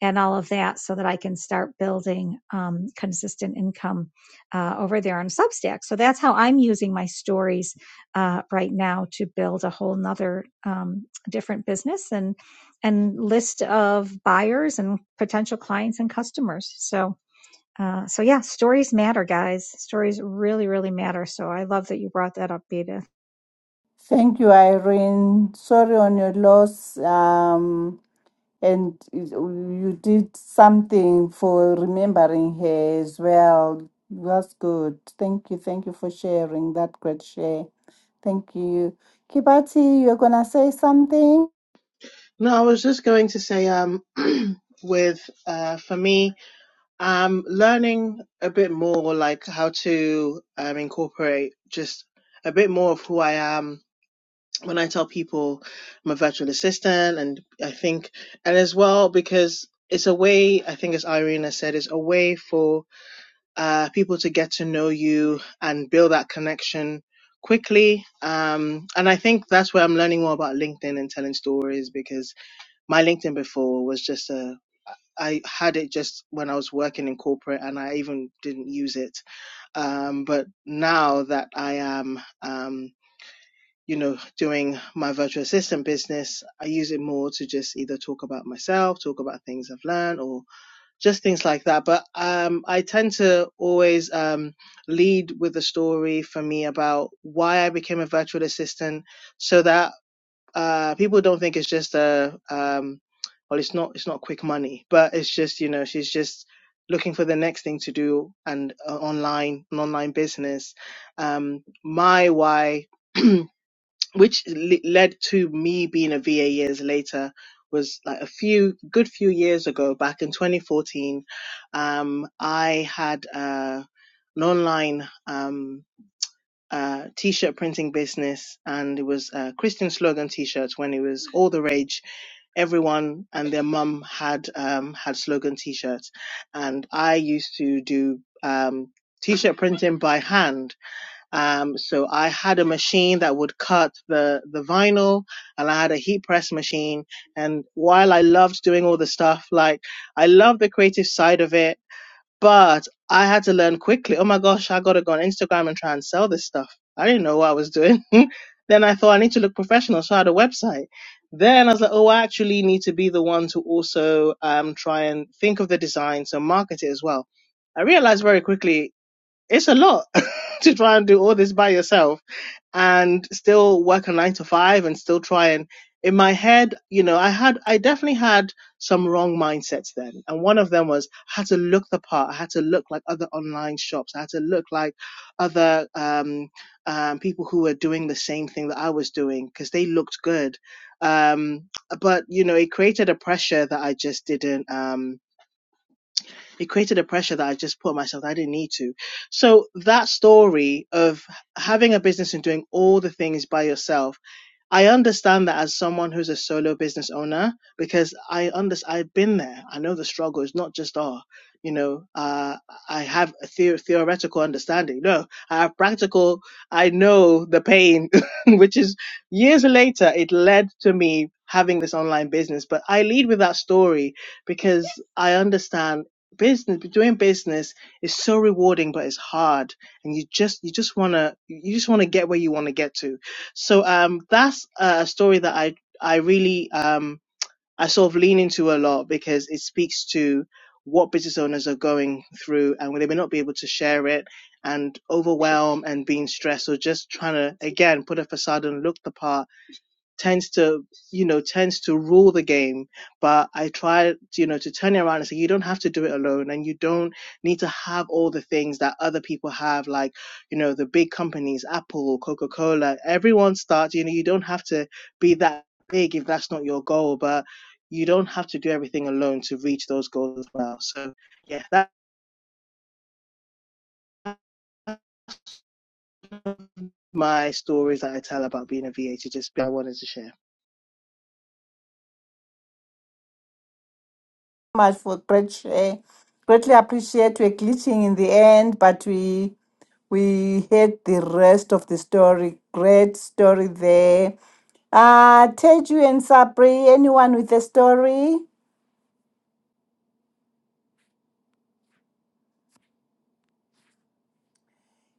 Speaker 4: and all of that so that I can start building um, consistent income uh, over there on Substack. So that's how I'm using my stories uh, right now to build a whole nother um, different business and and list of buyers and potential clients and customers. So uh, so yeah, stories matter, guys. Stories really, really matter. So I love that you brought that up, Beta.
Speaker 2: Thank you, Irene. Sorry on your loss. Um, and it- you did something for remembering her as well. That's good. Thank you. Thank you for sharing that great share. Thank you. Kibati, you're going to say something?
Speaker 1: no i was just going to say um with uh for me I'm learning a bit more like how to um, incorporate just a bit more of who I am when I tell people I'm a virtual assistant. And I think, and as well, because it's a way, I think as Irene has said, it's a way for uh, people to get to know you and build that connection quickly. Um, and I think that's where I'm learning more about LinkedIn and telling stories because my LinkedIn before was just a I had it just when I was working in corporate and I even didn't use it. Um, but now that I am, um, you know, doing my virtual assistant business, I use it more to just either talk about myself, talk about things I've learned or just things like that. But, um, I tend to always, um, lead with a story for me about why I became a virtual assistant so that uh, people don't think it's just a um, well, it's not it's not quick money, but it's just you know she's just looking for the next thing to do and uh, online an online business. Um, my why, which le- led to me being a VA years later, was like a few good few years ago, back in 2014. Um, I had uh, an online. Um, uh, t-shirt printing business and it was uh, christian slogan t-shirts when it was all the rage everyone and their mum had um, had slogan t-shirts and i used to do um, t-shirt printing by hand um, so i had a machine that would cut the, the vinyl and i had a heat press machine and while i loved doing all the stuff like i loved the creative side of it but I had to learn quickly. Oh my gosh, I got to go on Instagram and try and sell this stuff. I didn't know what I was doing. then I thought I need to look professional, so I had a website. Then I was like, oh, I actually need to be the one to also um, try and think of the design, so market it as well. I realized very quickly it's a lot to try and do all this by yourself and still work a nine to five and still try and in my head, you know, I had I definitely had some wrong mindsets then. And one of them was I had to look the part. I had to look like other online shops. I had to look like other um, um, people who were doing the same thing that I was doing because they looked good. Um, but you know, it created a pressure that I just didn't. Um, it created a pressure that I just put on myself that I didn't need to. So that story of having a business and doing all the things by yourself I understand that as someone who's a solo business owner, because I under I've been there. I know the struggle is not just oh, you know, uh, I have a theo- theoretical understanding. No, I have practical. I know the pain, which is years later it led to me having this online business. But I lead with that story because I understand business doing business is so rewarding but it's hard and you just you just want to you just want to get where you want to get to so um, that's a story that I I really um, I sort of lean into a lot because it speaks to what business owners are going through and they may not be able to share it and overwhelm and being stressed or just trying to again put a facade and look the part tends to you know tends to rule the game but i try you know to turn it around and say you don't have to do it alone and you don't need to have all the things that other people have like you know the big companies apple coca-cola everyone starts you know you don't have to be that big if that's not your goal but you don't have to do everything alone to reach those goals as well so yeah that's my stories that i tell about being a va to just i wanted to share
Speaker 2: much for great share. Greatly appreciate we're glitching in the end, but we we heard the rest of the story. Great story there. Uh Teju and Sabri, anyone with a story?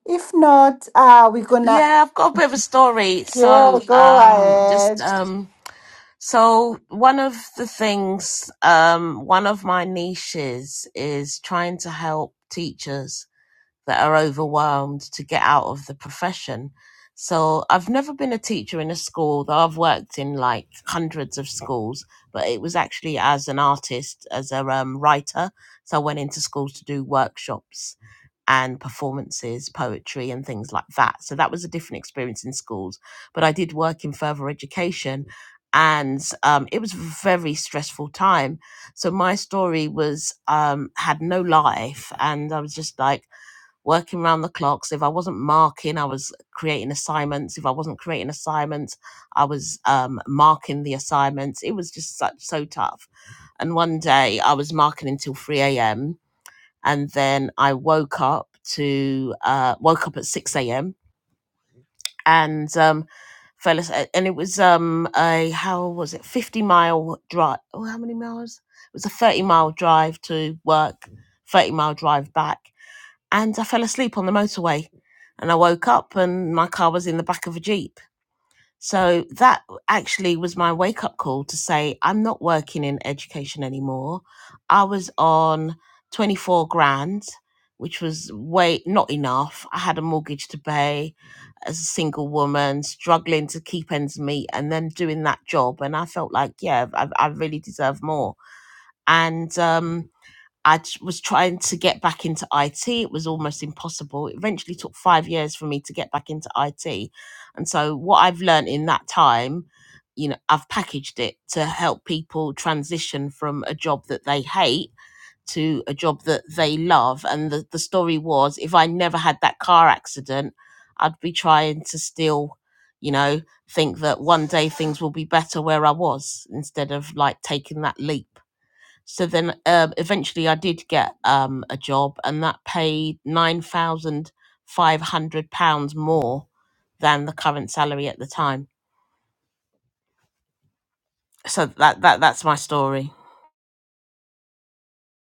Speaker 2: If not, uh we're gonna
Speaker 5: Yeah, I've got a bit of a story.
Speaker 2: yeah,
Speaker 5: So
Speaker 2: go
Speaker 5: um, just
Speaker 2: ahead.
Speaker 5: um, So one of the things, um, one of my niches is trying to help teachers that are overwhelmed to get out of the profession. So I've never been a teacher in a school, though I've worked in like hundreds of schools, but it was actually as an artist, as a um, writer. So I went into schools to do workshops and performances, poetry, and things like that. So that was a different experience in schools. But I did work in further education, and um, it was a very stressful time. So my story was um, had no life, and I was just like working round the clocks. if I wasn't marking, I was creating assignments. If I wasn't creating assignments, I was um, marking the assignments. It was just such so tough. And one day I was marking until 3 a.m and then I woke up to uh, woke up at six a.m. and um, fell asleep. And it was um, a how was it fifty mile drive? Oh, how many miles? It was a thirty mile drive to work, thirty mile drive back, and I fell asleep on the motorway. And I woke up, and my car was in the back of a jeep so that actually was my wake up call to say, I'm not working in education anymore. I was on 24 grand, which was way not enough. I had a mortgage to pay as a single woman, struggling to keep ends meet and then doing that job. And I felt like, yeah, I, I really deserve more. And, um, I t- was trying to get back into IT. It was almost impossible. It eventually took five years for me to get back into IT. And so, what I've learned in that time, you know, I've packaged it to help people transition from a job that they hate to a job that they love. And the, the story was if I never had that car accident, I'd be trying to still, you know, think that one day things will be better where I was instead of like taking that leap so then uh, eventually I did get um, a job and that paid £9,500 more than the current salary at the time. So that, that that's my story.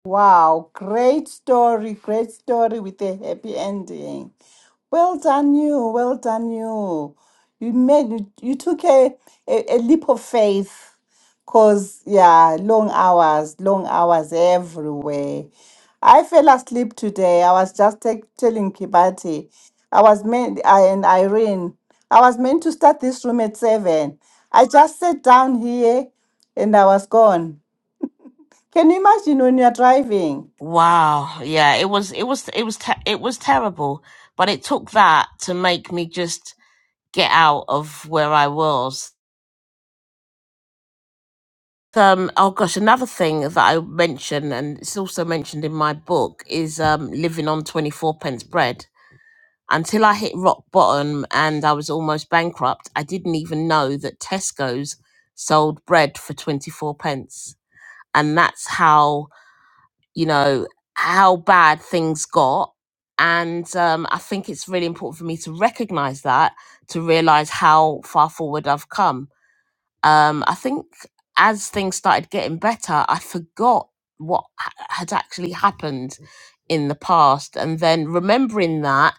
Speaker 2: Wow, great story, great story with a happy ending. Well done you, well done you. You made you took a, a, a leap of faith because yeah, long hours, long hours everywhere. I fell asleep today. I was just te- telling Kibati. I was meant I and Irene. I was meant to start this room at seven. I just sat down here and I was gone. Can you imagine when you're driving?
Speaker 5: Wow. Yeah, it was it was it was te- it was terrible, but it took that to make me just get out of where I was. Um oh gosh, another thing that I mention, and it's also mentioned in my book is um living on 24 pence bread Until I hit rock bottom and I was almost bankrupt, I didn't even know that Tesco's sold bread for 24 pence. And that's how, you know, how bad things got. And um, I think it's really important for me to recognize that, to realize how far forward I've come. Um, I think as things started getting better, I forgot what ha- had actually happened in the past. And then remembering that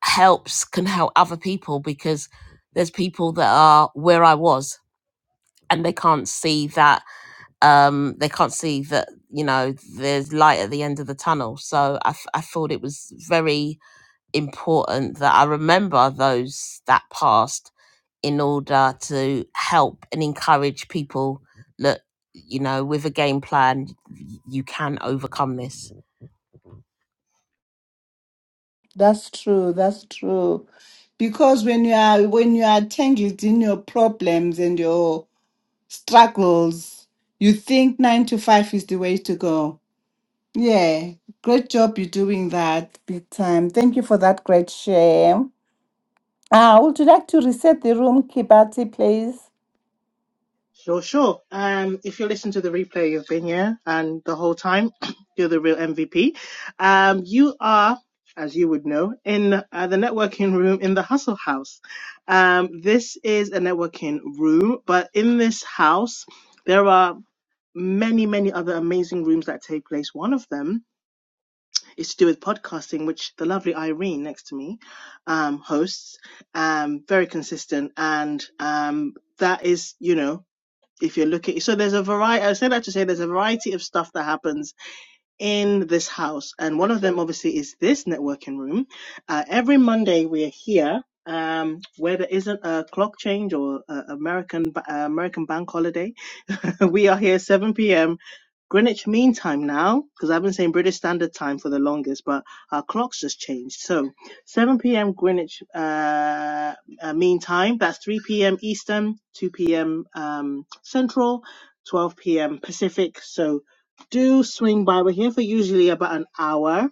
Speaker 5: helps can help other people because there's people that are where I was and they can't see that um they can't see that you know there's light at the end of the tunnel so I, f- I thought it was very important that I remember those that passed in order to help and encourage people that you know with a game plan y- you can overcome this
Speaker 2: That's true. That's true. Because when you are when you are tangled in your problems and your struggles, you think nine to five is the way to go. Yeah. Great job you're doing that big time. Thank you for that great share. Ah, would you like to reset the room, Kibati, please?
Speaker 1: Sure, sure. Um, if you listen to the replay, you've been here and the whole time, you're the real MVP. Um, you are, as you would know, in uh, the networking room in the Hustle House. Um, this is a networking room, but in this house, there are many, many other amazing rooms that take place. One of them is to do with podcasting, which the lovely Irene next to me, um, hosts, um, very consistent and, um, that is, you know, if you're looking so there's a variety i said that to say there's a variety of stuff that happens in this house and one of them obviously is this networking room uh, every monday we are here um, where there isn't a clock change or uh, american uh, american bank holiday we are here 7 p.m. Greenwich Mean Time now, because I've been saying British Standard Time for the longest, but our clocks just changed. So 7 p.m. Greenwich uh, uh, Mean Time, that's 3 p.m. Eastern, 2 p.m. Um, Central, 12 p.m. Pacific. So do swing by. We're here for usually about an hour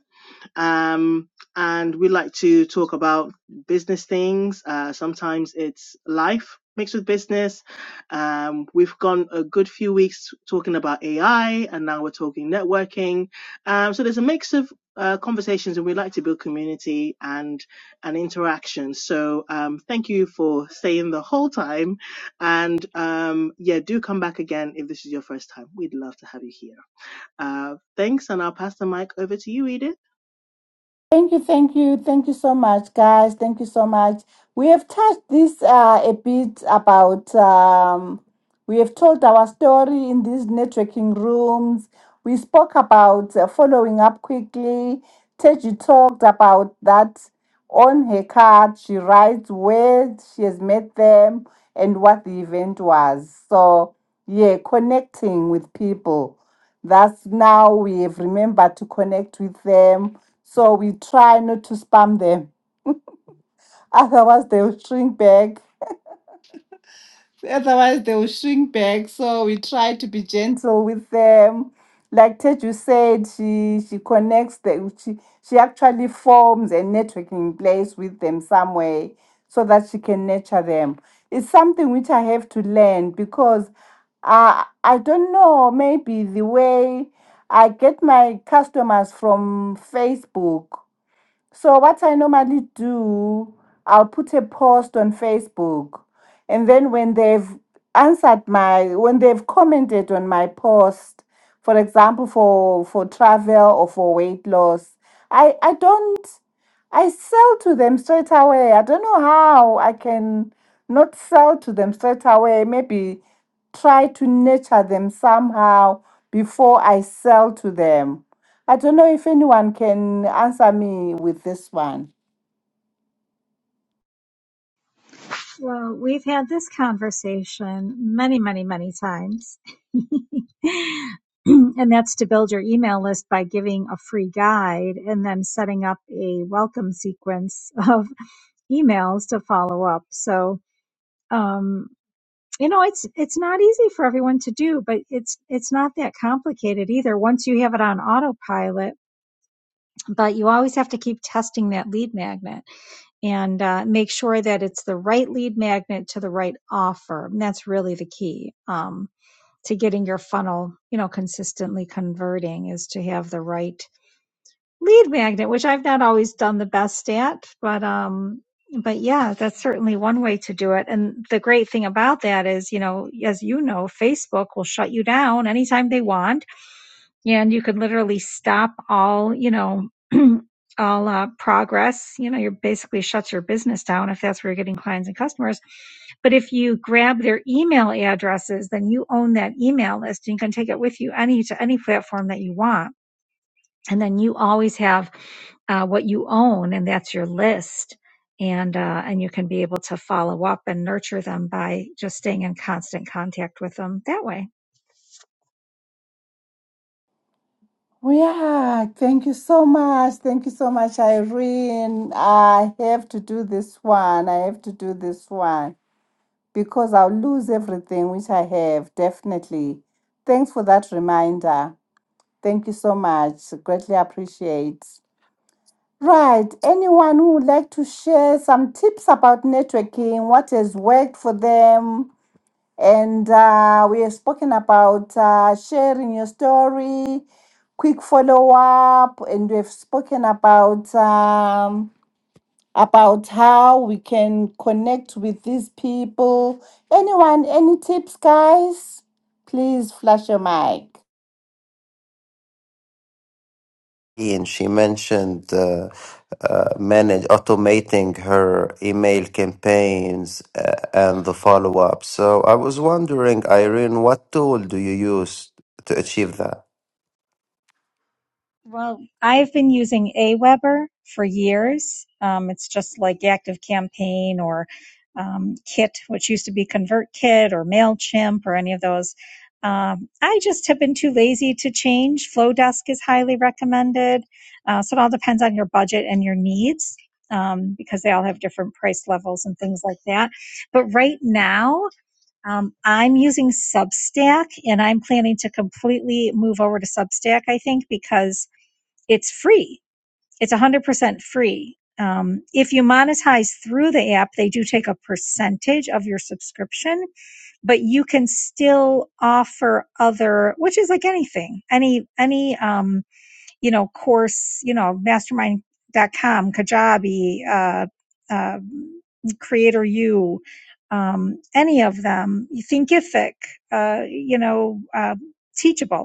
Speaker 1: um, and we like to talk about business things. Uh, sometimes it's life mixed with business. Um, we've gone a good few weeks talking about AI, and now we're talking networking. Um, so there's a mix of uh, conversations, and we like to build community and and interaction. So um, thank you for staying the whole time, and um, yeah, do come back again if this is your first time. We'd love to have you here. Uh, thanks, and I'll pass the mic over to you, Edith.
Speaker 2: Thank you, thank you, thank you so much, guys. Thank you so much. We have touched this uh, a bit about. Um, we have told our story in these networking rooms. We spoke about uh, following up quickly. Teji talked about that on her card. She writes where she has met them and what the event was. So yeah, connecting with people. That's now we have remembered to connect with them so we try not to spam them. Otherwise, they will shrink back. Otherwise, they will shrink back. So we try to be gentle with them. Like Teju said, she she connects the she she actually forms a networking place with them some way so that she can nurture them. It's something which I have to learn because I I don't know maybe the way I get my customers from Facebook So what I normally do, I'll put a post on Facebook, and then when they've answered my, when they've commented on my post, for example, for for travel or for weight loss, I I don't. I sell to them straight away. I don't know how I can not sell to them straight away. Maybe try to nurture them somehow before I sell to them. I don't know if anyone can answer me with this one.
Speaker 4: Well, we've had this conversation many, many, many times. and that's to build your email list by giving a free guide and then setting up a welcome sequence of emails to follow up. So, um, you know, it's it's not easy for everyone to do, but it's it's not that complicated either once you have it on autopilot, but you always have to keep testing that lead magnet and uh, make sure that it's the right lead magnet to the right offer. And that's really the key um, to getting your funnel, you know, consistently converting is to have the right lead magnet, which I've not always done the best at, but um, but yeah, that's certainly one way to do it. And the great thing about that is, you know, as you know, Facebook will shut you down anytime they want yeah, and you could literally stop all, you know, all uh, progress. You know, you're basically shuts your business down if that's where you're getting clients and customers. But if you grab their email addresses, then you own that email list and you can take it with you any to any platform that you want and then you always have uh, what you own and that's your list and uh, and you can be able to follow up and nurture them by just staying in constant contact with them that way
Speaker 2: Yeah, thank you so much. Thank you so much, Irene. I have to do this one. I have to do this one because I'll lose everything which I have, definitely. Thanks for that reminder. Thank you so much. Greatly appreciate. Right. Anyone who would like to share some tips about networking, what has worked for them? And uh, we have spoken about uh, sharing your story, quick follow up, and we've spoken about um, about how we can connect with these people. Anyone, any tips, guys? Please flash your mic.
Speaker 3: and she mentioned uh, uh, manage automating her email campaigns uh, and the follow up. So I was wondering, Irene, what tool do you use to achieve that?
Speaker 4: Well, I've been using Aweber for years. Um, it's just like ActiveCampaign or um, Kit, which used to be ConvertKit or MailChimp or any of those. Um, I just have been too lazy to change. Flowdesk is highly recommended. Uh, so it all depends on your budget and your needs um, because they all have different price levels and things like that. But right now, um, I'm using Substack and I'm planning to completely move over to Substack, I think, because it's free. It's 100% free. Um, if you monetize through the app, they do take a percentage of your subscription, but you can still offer other, which is like anything, any, any, um, you know, course, you know, mastermind.com, Kajabi, uh, uh, Creator U, um, any of them, Thinkific, uh, you know, uh, Teachable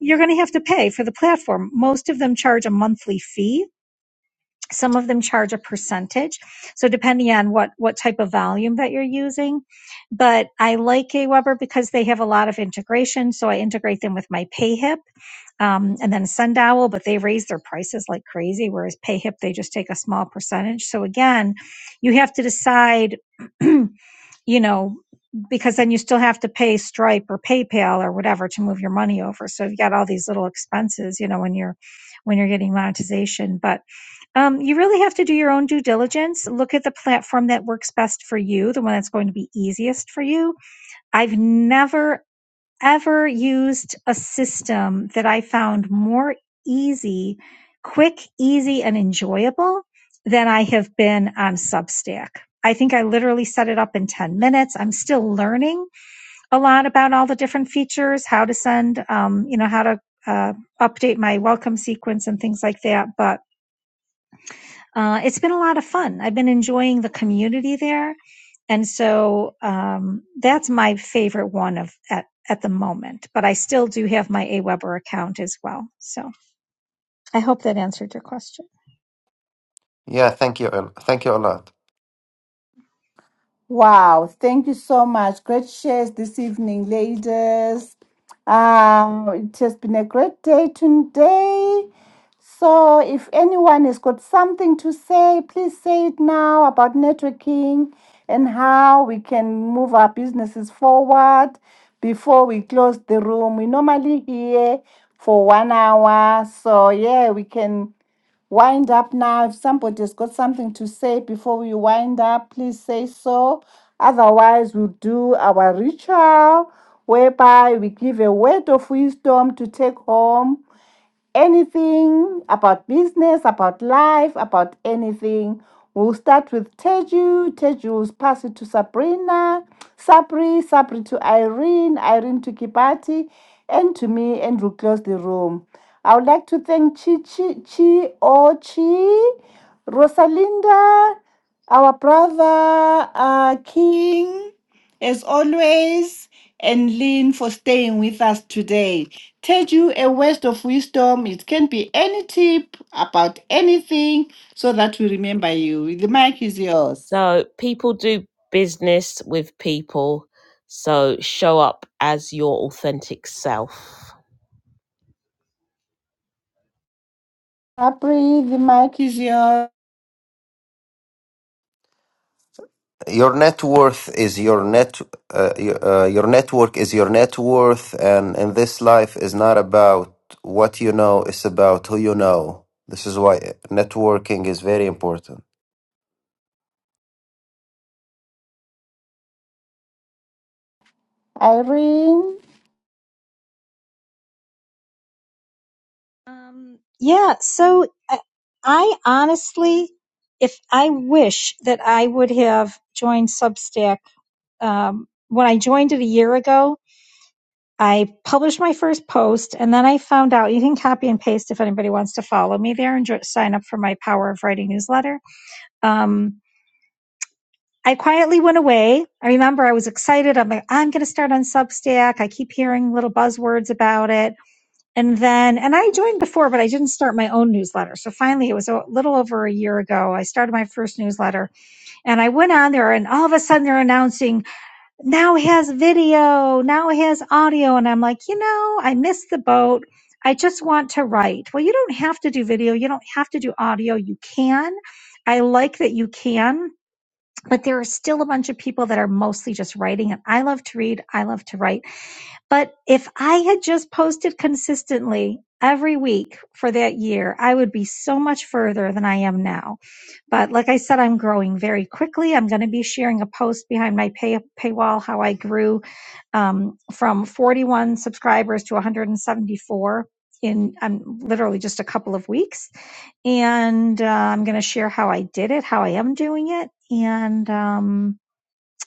Speaker 4: you're going to have to pay for the platform. Most of them charge a monthly fee. Some of them charge a percentage. So depending on what, what type of volume that you're using. But I like Aweber because they have a lot of integration. So I integrate them with my PayHip, um, and then Sundowl, but they raise their prices like crazy. Whereas PayHip, they just take a small percentage. So again, you have to decide you know, because then you still have to pay Stripe or PayPal or whatever to move your money over. So you've got all these little expenses, you know, when you're when you're getting monetization. But um, you really have to do your own due diligence. Look at the platform that works best for you, the one that's going to be easiest for you. I've never ever used a system that I found more easy, quick, easy, and enjoyable than I have been on Substack. I think I literally set it up in 10 minutes. I'm still learning a lot about all the different features, how to send, um, you know, how to uh, update my welcome sequence and things like that. But uh, it's been a lot of fun. I've been enjoying the community there, and so um, that's my favorite one of at at the moment. But I still do have my AWeber account as well. So I hope that answered your question.
Speaker 3: Yeah, thank you, a- thank you a lot.
Speaker 2: Wow, thank you so much. Great shares this evening, ladies. Um, it has been a great day today. So, if anyone has got something to say, please say it now about networking and how we can move our businesses forward before we close the room. We normally here for one hour. So, yeah, we can wind up now. If somebody's got something to say before we wind up, please say so. Otherwise, we'll do our ritual whereby we give a word of wisdom to take home anything about business, about life, about anything. We'll start with Teju. Teju will pass it to Sabrina, Sabri, Sabri to Irene, Irene to Kibati, and to me, and we'll close the room. I would like to thank Chi Chi Chi Ochi, Rosalinda, our brother uh, King, as always, and Lynn for staying with us today teach you a word of wisdom. It can be any tip about anything so that we remember you. The mic is yours.
Speaker 5: So people do business with people. So show up as your authentic self.
Speaker 2: Capri, the mic is yours.
Speaker 3: your net worth is your net uh, your, uh, your network is your net worth and in this life is not about what you know it's about who you know this is why networking is very important
Speaker 2: Irene,
Speaker 4: Um, yeah, so I, I honestly, if I wish that I would have joined Substack, um, when I joined it a year ago, I published my first post and then I found out you can copy and paste if anybody wants to follow me there and jo- sign up for my Power of Writing newsletter. Um, I quietly went away. I remember I was excited. I'm like, I'm going to start on Substack. I keep hearing little buzzwords about it. And then, and I joined before, but I didn't start my own newsletter. So finally, it was a little over a year ago. I started my first newsletter and I went on there and all of a sudden they're announcing now it has video, now it has audio. And I'm like, you know, I missed the boat. I just want to write. Well, you don't have to do video. You don't have to do audio. You can. I like that you can but there are still a bunch of people that are mostly just writing and I love to read, I love to write. But if I had just posted consistently every week for that year, I would be so much further than I am now. But like I said, I'm growing very quickly. I'm going to be sharing a post behind my pay, paywall how I grew um, from 41 subscribers to 174 in um, literally just a couple of weeks and uh, I'm going to share how I did it, how I am doing it, and um,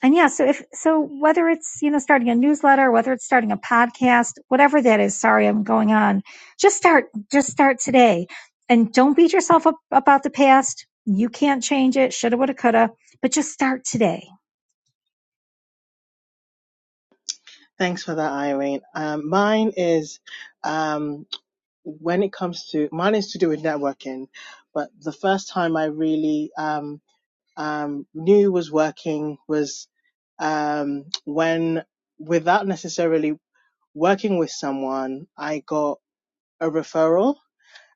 Speaker 4: and yeah, so if so, whether it's you know starting a newsletter, whether it's starting a podcast, whatever that is. Sorry, I'm going on. Just start. Just start today, and don't beat yourself up about the past. You can't change it. Shoulda, woulda, coulda. But just start today.
Speaker 1: Thanks for that, Irene. Um, mine is um, when it comes to mine is to do with networking, but the first time I really um, um, knew was working was um, when, without necessarily working with someone, I got a referral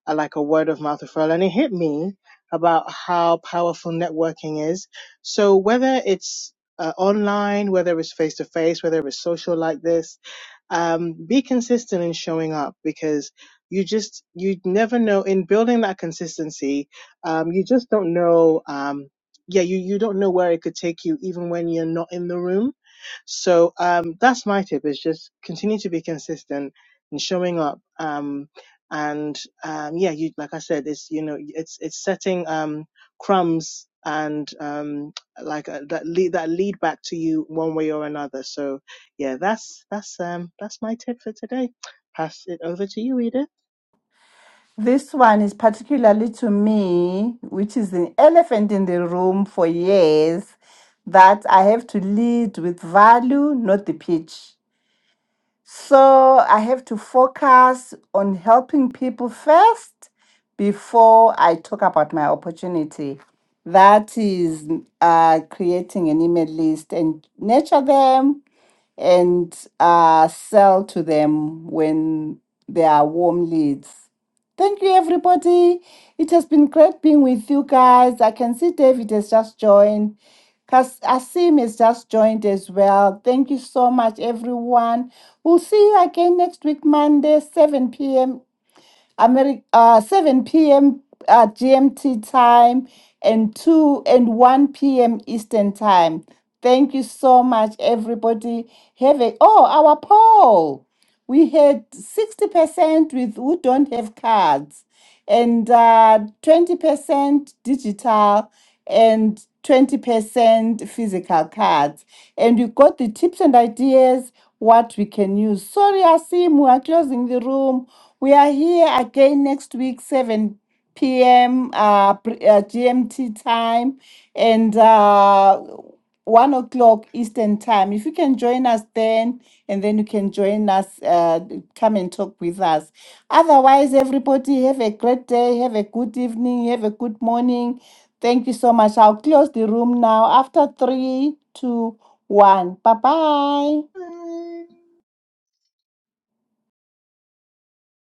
Speaker 1: uh, like a word of mouth referral, and it hit me about how powerful networking is. So whether it's uh, online, whether it's face to face, whether it's social like this, um, be consistent in showing up because you just you never know in building that consistency. Um, you just don't know. Um, yeah, you you don't know where it could take you, even when you're not in the room. So um, that's my tip: is just continue to be consistent in showing up. Um, and um, yeah, you like I said, it's you know it's it's setting um, crumbs and um, like uh, that lead that lead back to you one way or another. So yeah, that's that's um, that's my tip for today. Pass it over to you, Edith.
Speaker 2: this one is particularly to me, which is the elephant in the room for years, that I have to lead with value, not the pitch. So I have to focus on helping people first before I talk about my opportunity. That is uh, creating an email list and nurture them and uh, sell to them when they are warm leads. Thank you, everybody. It has been great being with you guys. I can see David has just joined. Kas- Asim has just joined as well. Thank you so much, everyone. We'll see you again next week, Monday, 7 p.m. Ameri- uh, 7 p.m. Uh, GMT time and 2 and 1 p.m. Eastern time. Thank you so much, everybody. Have a oh, our poll. We had 60% with who don't have cards, and uh, 20% digital, and 20% physical cards. And you got the tips and ideas what we can use. Sorry, Asim, we are closing the room. We are here again next week, 7 p.m. Uh, pre- uh, GMT time and uh, 1 o'clock Eastern time. If you can join us then, and then you can join us, uh, come and talk with us. Otherwise, everybody have a great day, have a good evening, have a good morning. Thank you so much. I'll close the room now after three, two, one. Bye bye.
Speaker 1: Bye.